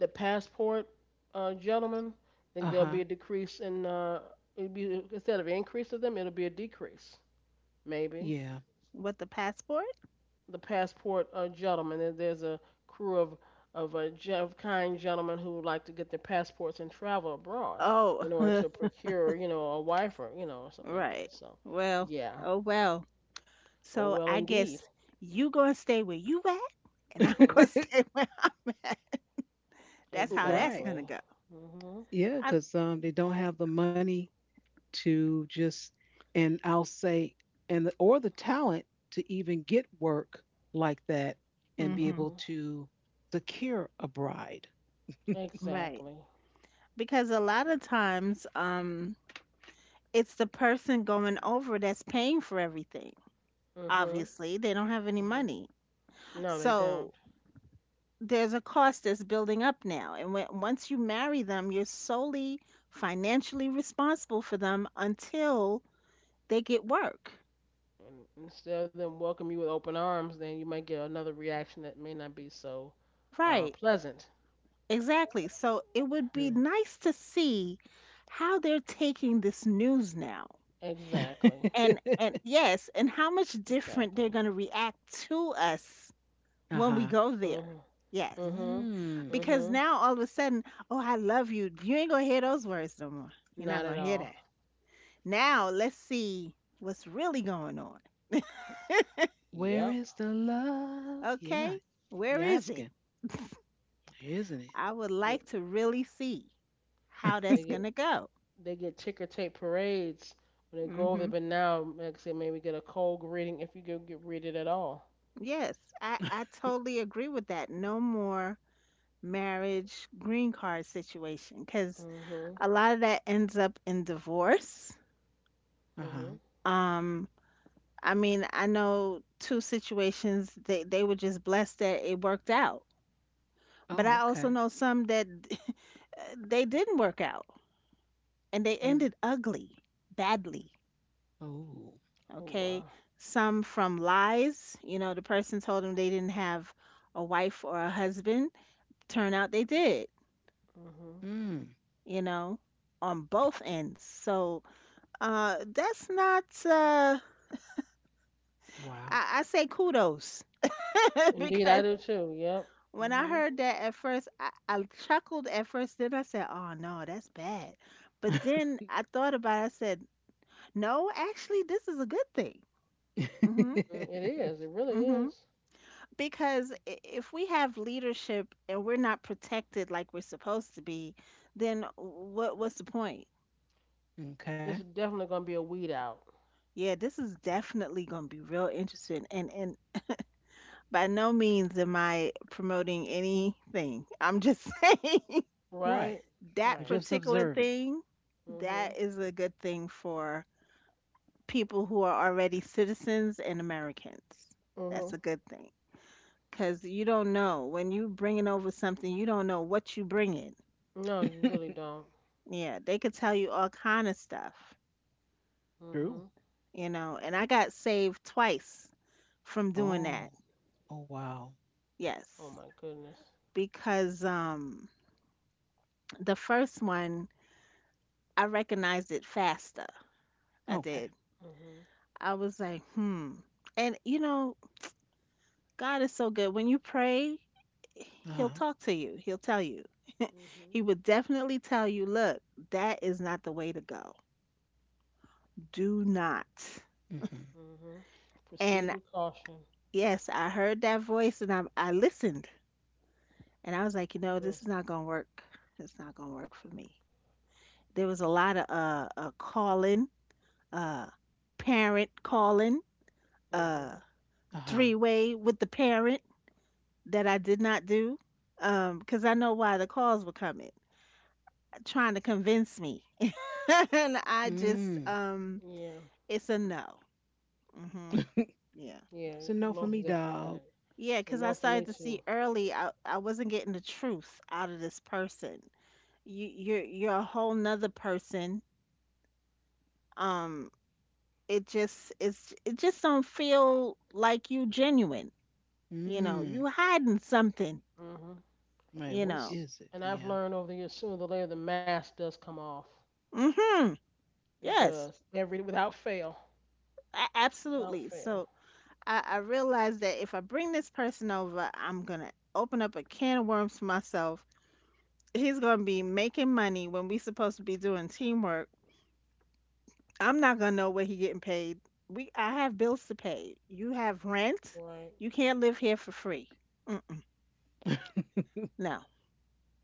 [SPEAKER 2] the passport, gentlemen, I think
[SPEAKER 1] Uh
[SPEAKER 2] there'll be
[SPEAKER 1] huh.
[SPEAKER 2] a decrease in it'll be instead of an increase of them, it'll be a decrease, maybe.
[SPEAKER 1] Yeah.
[SPEAKER 3] What the passport?
[SPEAKER 2] The passport gentleman. There's a crew of a of kind gentlemen who would like to get their passports and travel abroad
[SPEAKER 3] Oh,
[SPEAKER 2] in order
[SPEAKER 3] (laughs)
[SPEAKER 2] to procure, a wife or something like
[SPEAKER 3] right.
[SPEAKER 2] that. So,
[SPEAKER 3] Well,
[SPEAKER 2] yeah.
[SPEAKER 3] oh well.
[SPEAKER 2] Oh
[SPEAKER 3] So
[SPEAKER 2] well,
[SPEAKER 3] I
[SPEAKER 2] indeed.
[SPEAKER 3] guess you gonna stay where you at, and I'm (laughs) gonna
[SPEAKER 2] Mhm.
[SPEAKER 3] stay
[SPEAKER 1] (laughs)
[SPEAKER 3] where I'm at. That's how that's
[SPEAKER 1] right.
[SPEAKER 3] gonna
[SPEAKER 2] Exactly.
[SPEAKER 3] go.
[SPEAKER 2] Mhm.
[SPEAKER 1] Yeah,
[SPEAKER 3] I,
[SPEAKER 1] because they don't have the money to just and I'll say and or the talent to even get work like that and be
[SPEAKER 3] hmm.
[SPEAKER 1] able
[SPEAKER 2] Mhm.
[SPEAKER 1] to secure a bride. (laughs)
[SPEAKER 3] Right.
[SPEAKER 2] Exactly.
[SPEAKER 3] Because a lot of times, it's the person going over that's paying for everything.
[SPEAKER 2] Mhm.
[SPEAKER 3] Obviously, they don't have any
[SPEAKER 2] Mhm.
[SPEAKER 3] money.
[SPEAKER 2] No, they
[SPEAKER 3] So
[SPEAKER 2] don't.
[SPEAKER 3] there's a cost that's building up now. And when, once you marry them, you're solely financially responsible for them until they get work.
[SPEAKER 2] And instead of them welcome you with open arms, then you might get another reaction that may not be so
[SPEAKER 3] Right.
[SPEAKER 2] pleasant.
[SPEAKER 3] Exactly. So it would be
[SPEAKER 1] True.
[SPEAKER 3] nice to see how they're taking this news now.
[SPEAKER 2] Exactly.
[SPEAKER 1] (laughs)
[SPEAKER 3] And yes, and how much different
[SPEAKER 2] Exactly.
[SPEAKER 3] they're going to react to us when
[SPEAKER 1] uh-huh.
[SPEAKER 3] we go there.
[SPEAKER 2] Mhm.
[SPEAKER 3] Yes.
[SPEAKER 2] Mm-hmm.
[SPEAKER 1] Mm,
[SPEAKER 3] Because
[SPEAKER 2] Mm-hmm.
[SPEAKER 3] now all of a sudden, oh, I love you. You ain't gonna hear those words no more. You're not
[SPEAKER 2] Not
[SPEAKER 3] gonna
[SPEAKER 2] at
[SPEAKER 3] hear
[SPEAKER 2] all.
[SPEAKER 3] that. Now let's see what's really going on.
[SPEAKER 1] where
[SPEAKER 2] Yep.
[SPEAKER 1] is the love? Yeah,
[SPEAKER 3] Okay,
[SPEAKER 1] you be
[SPEAKER 3] where is it?
[SPEAKER 1] asking, isn't it?
[SPEAKER 3] I would
[SPEAKER 2] Yep.
[SPEAKER 3] like to really see how
[SPEAKER 2] They
[SPEAKER 3] that's
[SPEAKER 2] get
[SPEAKER 3] gonna go.
[SPEAKER 2] they get ticker tape parades when they go over there,
[SPEAKER 3] Hmm.
[SPEAKER 2] but now, like I said, maybe get a cold greeting if you go get greeted at all.
[SPEAKER 3] Yes, I
[SPEAKER 1] (laughs)
[SPEAKER 3] totally agree with that. No more marriage green card situation because
[SPEAKER 2] Mm-hmm.
[SPEAKER 3] a lot of that ends up in divorce.
[SPEAKER 1] Uh-huh.
[SPEAKER 2] Mm-hmm.
[SPEAKER 3] Um, I mean, I know two situations they were just blessed that it worked out. But
[SPEAKER 1] Oh,
[SPEAKER 3] I also
[SPEAKER 1] okay.
[SPEAKER 3] know some that (laughs) they didn't work out and they
[SPEAKER 1] Mm.
[SPEAKER 3] ended ugly, badly.
[SPEAKER 1] Oh.
[SPEAKER 2] Oh
[SPEAKER 3] Okay.
[SPEAKER 2] wow.
[SPEAKER 3] Some from lies, you know, the person told them they didn't have a wife or a husband. Turn out they did,
[SPEAKER 2] Mm-hmm.
[SPEAKER 1] Mm.
[SPEAKER 3] you know, on both ends. So that's not,
[SPEAKER 1] Wow. (laughs)
[SPEAKER 3] I say kudos (laughs)
[SPEAKER 2] Indeed, I
[SPEAKER 3] because
[SPEAKER 2] do too. Yep.
[SPEAKER 3] when I
[SPEAKER 2] Mm-hmm.
[SPEAKER 3] heard that at first, I chuckled at first. Then I said, oh no, that's bad. But then I thought about it. I said, no, actually, this is a good thing. Hmm.
[SPEAKER 2] Mm, it is. It really
[SPEAKER 3] Hmm.
[SPEAKER 2] is.
[SPEAKER 3] Because if we have leadership and we're not protected like we're supposed to be, then what's the point?
[SPEAKER 1] Okay.
[SPEAKER 2] It's definitely gonna be a weed out.
[SPEAKER 3] Yeah, this is definitely going to be real interesting. And by no means am I promoting anything. I'm just (laughs) saying
[SPEAKER 2] Right.
[SPEAKER 1] Right.
[SPEAKER 3] that
[SPEAKER 1] You're
[SPEAKER 2] Right.
[SPEAKER 1] just
[SPEAKER 3] particular
[SPEAKER 1] observing.
[SPEAKER 3] thing, that
[SPEAKER 2] Mhm.
[SPEAKER 3] is a good thing for people who are already citizens and Americans. That's
[SPEAKER 2] Mhm.
[SPEAKER 3] a good thing. Cause you don't know when you bringing over something, you don't know what you bringing.
[SPEAKER 2] No, you really
[SPEAKER 1] (laughs)
[SPEAKER 2] don't.
[SPEAKER 3] Yeah, they could tell you all kind of stuff,
[SPEAKER 1] True.
[SPEAKER 2] Mhm.
[SPEAKER 3] you know. And I got saved twice from doing that.
[SPEAKER 1] Oh. Oh, wow.
[SPEAKER 2] Oh
[SPEAKER 3] Yes,
[SPEAKER 2] my goodness.
[SPEAKER 3] because the first one I recognized it faster. I
[SPEAKER 1] Okay.
[SPEAKER 3] did.
[SPEAKER 2] Mhm.
[SPEAKER 3] I was like, hmm. And you know, God is so good. When you pray, He'll
[SPEAKER 1] Uh-huh.
[SPEAKER 3] talk to you. He'll tell you.
[SPEAKER 2] Mhm.
[SPEAKER 3] He would definitely tell you, look, that is not the way to go. Do not.
[SPEAKER 1] Mm-hmm.
[SPEAKER 2] Hmm. Proceed
[SPEAKER 3] And
[SPEAKER 2] with caution.
[SPEAKER 3] yes, I heard that voice and I listened and I was like, you know,
[SPEAKER 2] Good.
[SPEAKER 3] this is not gonna work. It's not gonna work for me. There was a lot of calling, uh parent calling, uh
[SPEAKER 2] Hmm.
[SPEAKER 1] Uh-huh.
[SPEAKER 3] three-way with the parent that I did not do. Um, cause I know why the calls were coming, trying to convince me. (laughs) And I just
[SPEAKER 1] Mm.
[SPEAKER 2] Yeah.
[SPEAKER 3] it's a no. Mhm. Yeah.
[SPEAKER 2] Yeah.
[SPEAKER 1] So no for
[SPEAKER 2] Most
[SPEAKER 1] me,
[SPEAKER 2] definitely
[SPEAKER 1] dog.
[SPEAKER 2] that.
[SPEAKER 3] Yeah,
[SPEAKER 2] So
[SPEAKER 3] cause I
[SPEAKER 2] no for
[SPEAKER 3] started
[SPEAKER 2] me
[SPEAKER 3] to
[SPEAKER 2] too.
[SPEAKER 3] see early I wasn't getting the truth out of this person. You're a whole nother person, um it just it's it just don't feel like you genuine, you know,
[SPEAKER 1] Mm.
[SPEAKER 3] you hiding something,
[SPEAKER 2] Hmm.
[SPEAKER 1] Wait,
[SPEAKER 3] you
[SPEAKER 2] And
[SPEAKER 1] what
[SPEAKER 3] know.
[SPEAKER 2] s-
[SPEAKER 1] is it?
[SPEAKER 2] and I've
[SPEAKER 1] Yeah.
[SPEAKER 2] learned over the years, sooner or later, the mask does come off.
[SPEAKER 3] Mhm.
[SPEAKER 2] It does.
[SPEAKER 3] Yes,
[SPEAKER 2] Every without fail. Without
[SPEAKER 3] absolutely.
[SPEAKER 2] fail.
[SPEAKER 3] So I realized that if I bring this person over I'm gonna open up a can of worms for myself. He's gonna be making money when we supposed to be doing teamwork. I'm not gonna know what he getting paid. We I have bills to pay, you have rent,
[SPEAKER 2] Right.
[SPEAKER 3] you can't live here for free. No,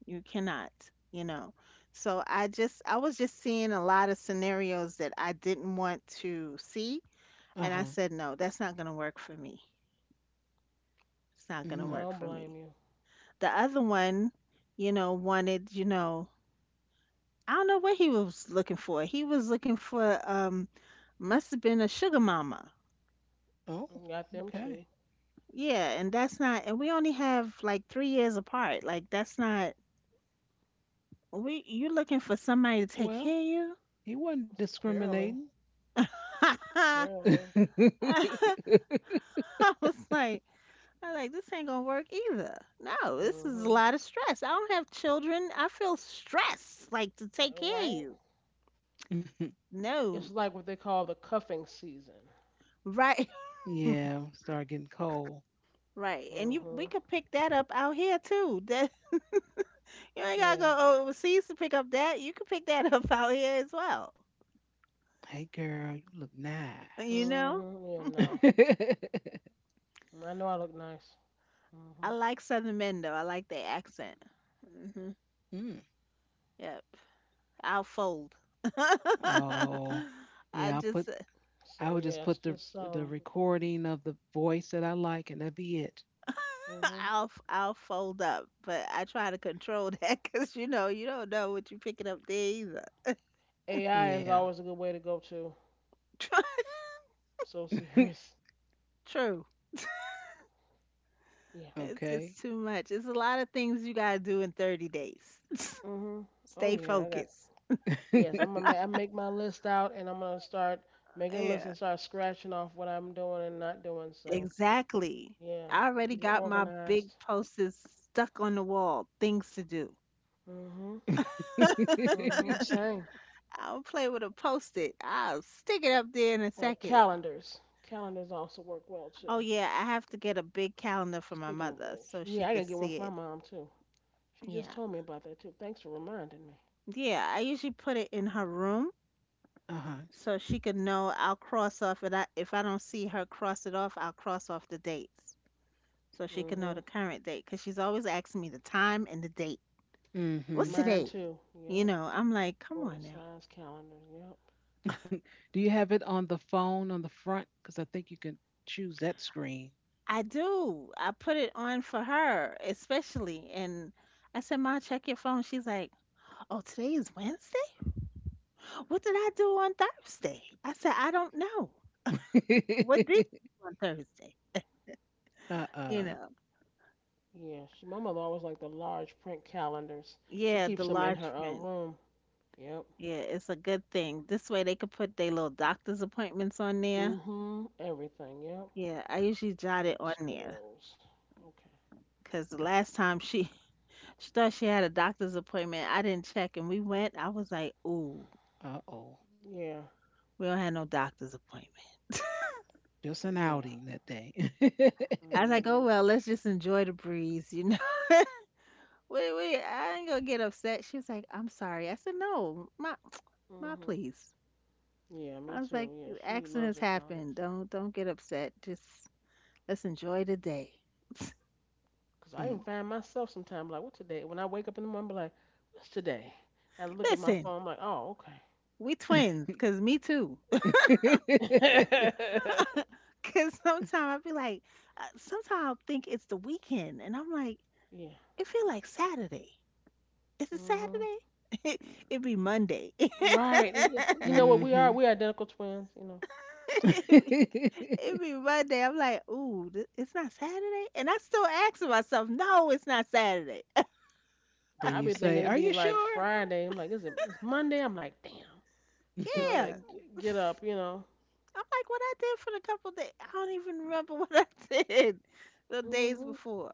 [SPEAKER 3] you cannot, you know. So I just I was just seeing a lot of scenarios that I didn't want to see
[SPEAKER 1] (laughs)
[SPEAKER 3] and I
[SPEAKER 1] Uh-huh.
[SPEAKER 3] said no, that's not going to work for me. It's not going to
[SPEAKER 2] I
[SPEAKER 1] Mm.
[SPEAKER 3] work
[SPEAKER 2] don't
[SPEAKER 3] for
[SPEAKER 2] blame
[SPEAKER 3] me.
[SPEAKER 2] you.
[SPEAKER 3] The other one, you know, wanted, you know, I don't know what he was looking for. He was looking for must have been a sugar mama.
[SPEAKER 1] Oh,
[SPEAKER 2] You got them
[SPEAKER 1] okay.
[SPEAKER 2] too.
[SPEAKER 3] Yeah, and that's not and we only have like 3 years apart. Like that's not, we you looking for somebody to take
[SPEAKER 1] Well,
[SPEAKER 3] care
[SPEAKER 1] he wasn't
[SPEAKER 2] Apparently.
[SPEAKER 1] discriminating.
[SPEAKER 3] of you?
[SPEAKER 2] Apparently.
[SPEAKER 1] (laughs)
[SPEAKER 3] (laughs) (laughs) I was like, I was like, this ain't gonna work either. No, this is a
[SPEAKER 2] Hmm.
[SPEAKER 3] lot of stress. I don't have children. I feel stress like to take care of
[SPEAKER 2] Right.
[SPEAKER 3] you.
[SPEAKER 2] It's
[SPEAKER 3] No.
[SPEAKER 2] like what they call the cuffing season.
[SPEAKER 3] Right,
[SPEAKER 1] yeah, start getting cold.
[SPEAKER 3] (laughs) right. And you we
[SPEAKER 2] Hmm.
[SPEAKER 3] could pick that up out here too. That (laughs) you ain't gotta
[SPEAKER 2] Yeah.
[SPEAKER 3] go overseas to pick up that. You could pick that up (laughs) out here as well.
[SPEAKER 1] Hey, girl, you look
[SPEAKER 3] You
[SPEAKER 1] nice.
[SPEAKER 3] know?
[SPEAKER 2] Hmm. Yeah. No.
[SPEAKER 1] (laughs)
[SPEAKER 2] I know I look nice.
[SPEAKER 3] I
[SPEAKER 2] Hmm.
[SPEAKER 3] like Southern men though. I like their accent. Mhm.
[SPEAKER 1] Mm.
[SPEAKER 3] Yep. I'll fold. (laughs) I
[SPEAKER 1] Oh, yeah. I
[SPEAKER 3] just
[SPEAKER 1] put.
[SPEAKER 2] So
[SPEAKER 1] I would
[SPEAKER 2] yeah,
[SPEAKER 1] just
[SPEAKER 2] it's
[SPEAKER 1] put
[SPEAKER 2] just
[SPEAKER 1] the recording of the voice that I like, and that'd be it.
[SPEAKER 2] hmm
[SPEAKER 3] (laughs) I'll fold up, but I try to control (laughs) that because you know you don't know what you're picking up there either.
[SPEAKER 2] AI is
[SPEAKER 1] Yeah.
[SPEAKER 2] always a good way to go to.
[SPEAKER 3] (laughs)
[SPEAKER 2] So (laughs)
[SPEAKER 1] (laughs)
[SPEAKER 2] serious.
[SPEAKER 3] True,
[SPEAKER 2] Yeah.
[SPEAKER 3] it's just
[SPEAKER 1] Okay.
[SPEAKER 3] too much. It's a lot of things you gotta do in 30 days. (laughs)
[SPEAKER 2] Hmm. Oh
[SPEAKER 3] Stay
[SPEAKER 2] yeah, I got.
[SPEAKER 3] focused.
[SPEAKER 2] Yes, I'm gonna
[SPEAKER 1] (laughs) Uh
[SPEAKER 2] I make my list out, and I'm gonna start making a list
[SPEAKER 3] Yeah,
[SPEAKER 2] and start scratching off what I'm doing and not doing. So
[SPEAKER 3] exactly.
[SPEAKER 2] yeah,
[SPEAKER 3] I already
[SPEAKER 2] keep it
[SPEAKER 3] got my big
[SPEAKER 2] organized.
[SPEAKER 3] posters stuck on the wall. Things to do.
[SPEAKER 2] Hmm. Hmm. Same.
[SPEAKER 3] I'll play with a post-it. I'll stick it up there in a second.
[SPEAKER 2] Calendars. Calendars also work well
[SPEAKER 3] Oh
[SPEAKER 2] too.
[SPEAKER 3] yeah, I have to get a big calendar for my
[SPEAKER 2] Speaking of
[SPEAKER 3] mother
[SPEAKER 2] which,
[SPEAKER 3] so she
[SPEAKER 2] yeah, I gotta
[SPEAKER 3] could
[SPEAKER 2] get one
[SPEAKER 3] see
[SPEAKER 2] for my
[SPEAKER 3] it.
[SPEAKER 2] mom too. She just
[SPEAKER 3] Yeah,
[SPEAKER 2] told me about that too. Thanks for reminding me.
[SPEAKER 3] yeah, I usually put it in her room
[SPEAKER 1] huh.
[SPEAKER 3] so she could know I'll cross off it. I, if I don't see her cross it off, I'll cross off the dates so she can know
[SPEAKER 2] Hmm.
[SPEAKER 3] the current date because she's always asking me the time and the date. What's
[SPEAKER 1] Mm-hmm.
[SPEAKER 2] Mine
[SPEAKER 3] today?
[SPEAKER 2] too.
[SPEAKER 3] You
[SPEAKER 2] Yep.
[SPEAKER 3] know, I'm like, come on now.
[SPEAKER 2] Oversized calendars. Yep.
[SPEAKER 1] (laughs) Do you have it on the phone on the front? Because I think you can choose that screen.
[SPEAKER 3] I do. I put it on for her, especially. And I said, Ma, check your phone. She's like, oh, today is Wednesday? What did I do on Thursday? I said, I don't know. What did you
[SPEAKER 1] (laughs)
[SPEAKER 3] do on Thursday? You
[SPEAKER 1] Uh-uh.
[SPEAKER 3] know,
[SPEAKER 2] Yeah. She, my mother always liked the large print calendars. She
[SPEAKER 3] yeah, the
[SPEAKER 2] keeps them in
[SPEAKER 3] large
[SPEAKER 2] her
[SPEAKER 3] print.
[SPEAKER 2] room. Yep.
[SPEAKER 3] Yeah, it's a good thing. This way they could put their little doctor's appointments on there.
[SPEAKER 2] Mhm. Everything. Yep.
[SPEAKER 3] Yeah, I usually jot
[SPEAKER 2] Got
[SPEAKER 3] it on
[SPEAKER 2] two of
[SPEAKER 3] there
[SPEAKER 2] those. Okay.
[SPEAKER 3] because the last time she (laughs) she thought she had a doctor's appointment, I didn't check, and we went. I was like, "Ooh,
[SPEAKER 1] Uh-oh.
[SPEAKER 2] Yeah.
[SPEAKER 3] we don't have no doctor's appointment."
[SPEAKER 1] Just an
[SPEAKER 2] Yeah.
[SPEAKER 1] outing that day.
[SPEAKER 3] I was
[SPEAKER 1] (laughs)
[SPEAKER 3] like, "Oh
[SPEAKER 2] Mhm.
[SPEAKER 3] well, let's just enjoy the breeze, you know." (laughs) Wait, wait, I ain't gonna get upset. She was like, "I'm sorry." I said, "No, my, (tsk) my,
[SPEAKER 2] Mhm.
[SPEAKER 3] please."
[SPEAKER 2] Yeah. Me
[SPEAKER 3] I was like,
[SPEAKER 2] too. Yeah. She loves
[SPEAKER 3] "Accidents
[SPEAKER 2] her calendars.
[SPEAKER 3] happen. Don't get upset. Just let's enjoy the day."
[SPEAKER 2] Cause I even
[SPEAKER 1] Mm.
[SPEAKER 2] find myself sometimes like, what today? When I wake up in the morning, be like, what's today? And I look at my
[SPEAKER 3] Listen.
[SPEAKER 2] phone, I'm like, oh,
[SPEAKER 3] We twins, cause me too.
[SPEAKER 2] okay.
[SPEAKER 1] (laughs)
[SPEAKER 2] (laughs)
[SPEAKER 3] (laughs) Cause sometimes I be like, sometimes I'll think it's the weekend, and I'm like,
[SPEAKER 2] yeah.
[SPEAKER 3] it feel like Saturday. Is it Saturday?
[SPEAKER 2] Mhm.
[SPEAKER 3] (laughs) It, it be Monday. (laughs)
[SPEAKER 2] Right. You know what? We are
[SPEAKER 1] Mhm.
[SPEAKER 2] we are identical twins. You know,
[SPEAKER 3] Be, it
[SPEAKER 1] (laughs)
[SPEAKER 3] be Monday. I'm like, ooh, it's not Saturday, and I still asking myself, no, it's not Saturday. (laughs)
[SPEAKER 1] Then
[SPEAKER 2] I
[SPEAKER 1] you
[SPEAKER 2] be thinking
[SPEAKER 1] say,
[SPEAKER 2] it'd
[SPEAKER 1] "Are
[SPEAKER 2] be
[SPEAKER 1] you
[SPEAKER 2] like
[SPEAKER 1] sure?"
[SPEAKER 2] Friday. I'm like, is it? It's Monday. I'm like, damn. You know, I
[SPEAKER 3] Yeah,
[SPEAKER 2] gotta
[SPEAKER 1] (laughs)
[SPEAKER 3] I'm
[SPEAKER 2] g-
[SPEAKER 3] like,
[SPEAKER 2] get up. You know.
[SPEAKER 3] what I did for the couple days, I don't even remember (laughs) what I did the days
[SPEAKER 2] Mhm.
[SPEAKER 3] before.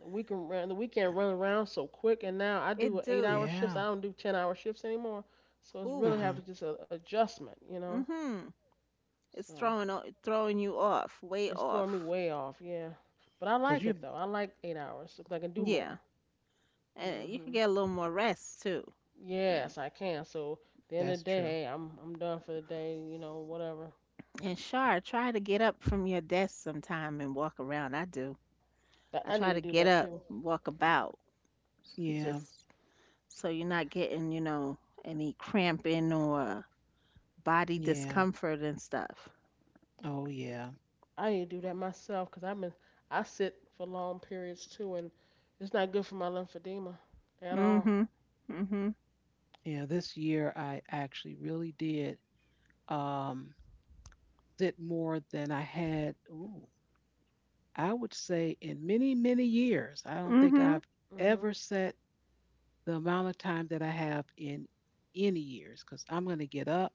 [SPEAKER 2] The weekend run around so quick, and now I
[SPEAKER 3] It
[SPEAKER 2] do 8 hour
[SPEAKER 3] do.
[SPEAKER 2] shifts.
[SPEAKER 1] Yeah.
[SPEAKER 2] I don't do 10 hour shifts anymore. So it's really
[SPEAKER 3] Ooh.
[SPEAKER 2] have to
[SPEAKER 1] Uh-huh.
[SPEAKER 2] just a adjustment. You know.
[SPEAKER 3] Mhm. It's
[SPEAKER 2] So
[SPEAKER 3] throwing throwing you off, way
[SPEAKER 2] it's throwing me
[SPEAKER 3] off.
[SPEAKER 2] way off. Yeah. But I
[SPEAKER 1] Cuz
[SPEAKER 2] like
[SPEAKER 1] you
[SPEAKER 2] it though. I like 8 hours because I can do
[SPEAKER 3] Yeah.
[SPEAKER 2] more.
[SPEAKER 3] And you could
[SPEAKER 2] Mhm.
[SPEAKER 3] get a little more rest too. Yeah.
[SPEAKER 2] Yes, I can. So at the end of
[SPEAKER 1] that's
[SPEAKER 2] the day,
[SPEAKER 1] true.
[SPEAKER 2] hey, I'm done for the day. You know, whatever.
[SPEAKER 3] And Shar, try to get up from your desk sometime and walk around. I do.
[SPEAKER 2] That
[SPEAKER 3] I
[SPEAKER 2] I need
[SPEAKER 3] try
[SPEAKER 2] to
[SPEAKER 3] to
[SPEAKER 2] do
[SPEAKER 3] get
[SPEAKER 2] that
[SPEAKER 3] up,
[SPEAKER 2] too.
[SPEAKER 3] walk about,
[SPEAKER 1] Yeah.
[SPEAKER 3] just so you're not getting, you know, any cramping or body
[SPEAKER 1] Yeah.
[SPEAKER 3] discomfort and stuff.
[SPEAKER 1] Oh yeah.
[SPEAKER 2] I need to do that myself because I sit for long periods too, and it's not good for my lymphedema at all.
[SPEAKER 3] Mm-hmm. Mm-hmm.
[SPEAKER 1] Yeah, this year I actually really did um it more than I had, ooh, I would say in many, many years. I don't think
[SPEAKER 3] Mm-hmm.
[SPEAKER 1] I've
[SPEAKER 2] Mhm.
[SPEAKER 1] ever set the amount of time that I have in any years because I'm going to get up,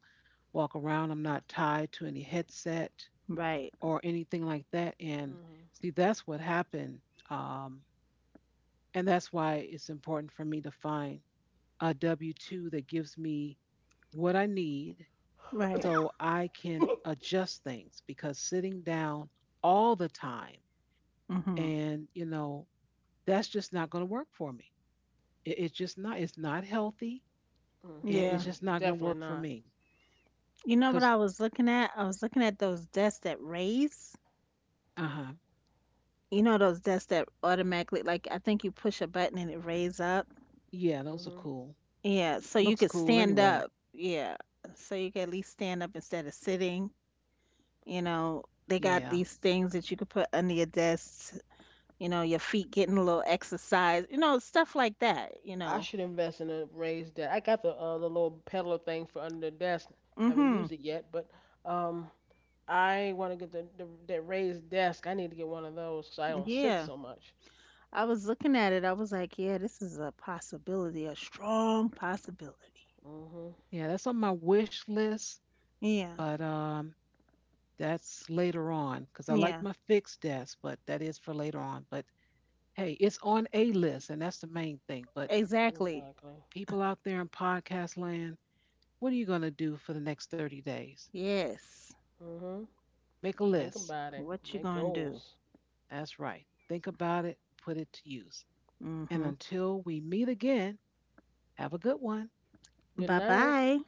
[SPEAKER 1] walk around. I'm not tied to any headset
[SPEAKER 3] Right.
[SPEAKER 1] or anything like that. And
[SPEAKER 2] Mhm.
[SPEAKER 1] see, that's what happened. Um, and that's why it's important for me to find a W 2 that gives me what I need
[SPEAKER 3] Right.
[SPEAKER 1] so I can adjust things because sitting down all the time
[SPEAKER 3] Mm-hmm.
[SPEAKER 1] and you know that's just not going to work for me. It, it's just not, it's not healthy, and it's
[SPEAKER 3] Yeah.
[SPEAKER 2] Mhm.
[SPEAKER 1] just not going to
[SPEAKER 2] Definitely
[SPEAKER 1] work for
[SPEAKER 2] not.
[SPEAKER 1] me
[SPEAKER 3] You know what
[SPEAKER 1] because,
[SPEAKER 3] I was looking at? I was looking at those desks that raise.
[SPEAKER 1] uh-huh,
[SPEAKER 3] You know those desks that automatically, like I think you push a button and it raise up.
[SPEAKER 1] yeah those are
[SPEAKER 2] Mhm.
[SPEAKER 1] cool,
[SPEAKER 3] Yeah, so you
[SPEAKER 1] looks
[SPEAKER 3] could
[SPEAKER 1] cool
[SPEAKER 3] stand
[SPEAKER 1] anyway.
[SPEAKER 3] up. Yeah, so you could at least stand up instead of sitting. You know, they got
[SPEAKER 1] Yeah,
[SPEAKER 3] these things that you could put under your desk. You know, your feet getting a little exercise. You know, stuff like that. You
[SPEAKER 2] I
[SPEAKER 3] know.
[SPEAKER 2] should invest in a raised desk. I got the little pedal thing for under the desk. I haven't used
[SPEAKER 3] Hmm.
[SPEAKER 2] it yet, but um, I want to get the that raised desk. I need to get one of those so I don't sit
[SPEAKER 3] Yeah,
[SPEAKER 2] so much.
[SPEAKER 3] I was looking at it. I was like, yeah, this is a possibility, a strong possibility.
[SPEAKER 2] Mhm.
[SPEAKER 1] yeah that's on my wish list
[SPEAKER 3] Yeah,
[SPEAKER 1] but that's later on because I like
[SPEAKER 3] yeah,
[SPEAKER 1] my fixed desk, but that is for later on, but hey it's on a list and that's the main thing, but
[SPEAKER 3] exactly.
[SPEAKER 2] Exactly.
[SPEAKER 1] people out there in podcast land, what are you going to do for the next 30 days?
[SPEAKER 3] Yes.
[SPEAKER 2] Mhm.
[SPEAKER 1] Make a
[SPEAKER 2] Think
[SPEAKER 1] list.
[SPEAKER 2] about it.
[SPEAKER 3] What you
[SPEAKER 2] Make
[SPEAKER 3] gonna do?
[SPEAKER 2] goals.
[SPEAKER 1] That's right. Think about it, put it to use. And
[SPEAKER 3] Mm-hmm.
[SPEAKER 1] until we meet again, have a good one.
[SPEAKER 2] Good
[SPEAKER 3] Bye
[SPEAKER 2] night.
[SPEAKER 3] bye.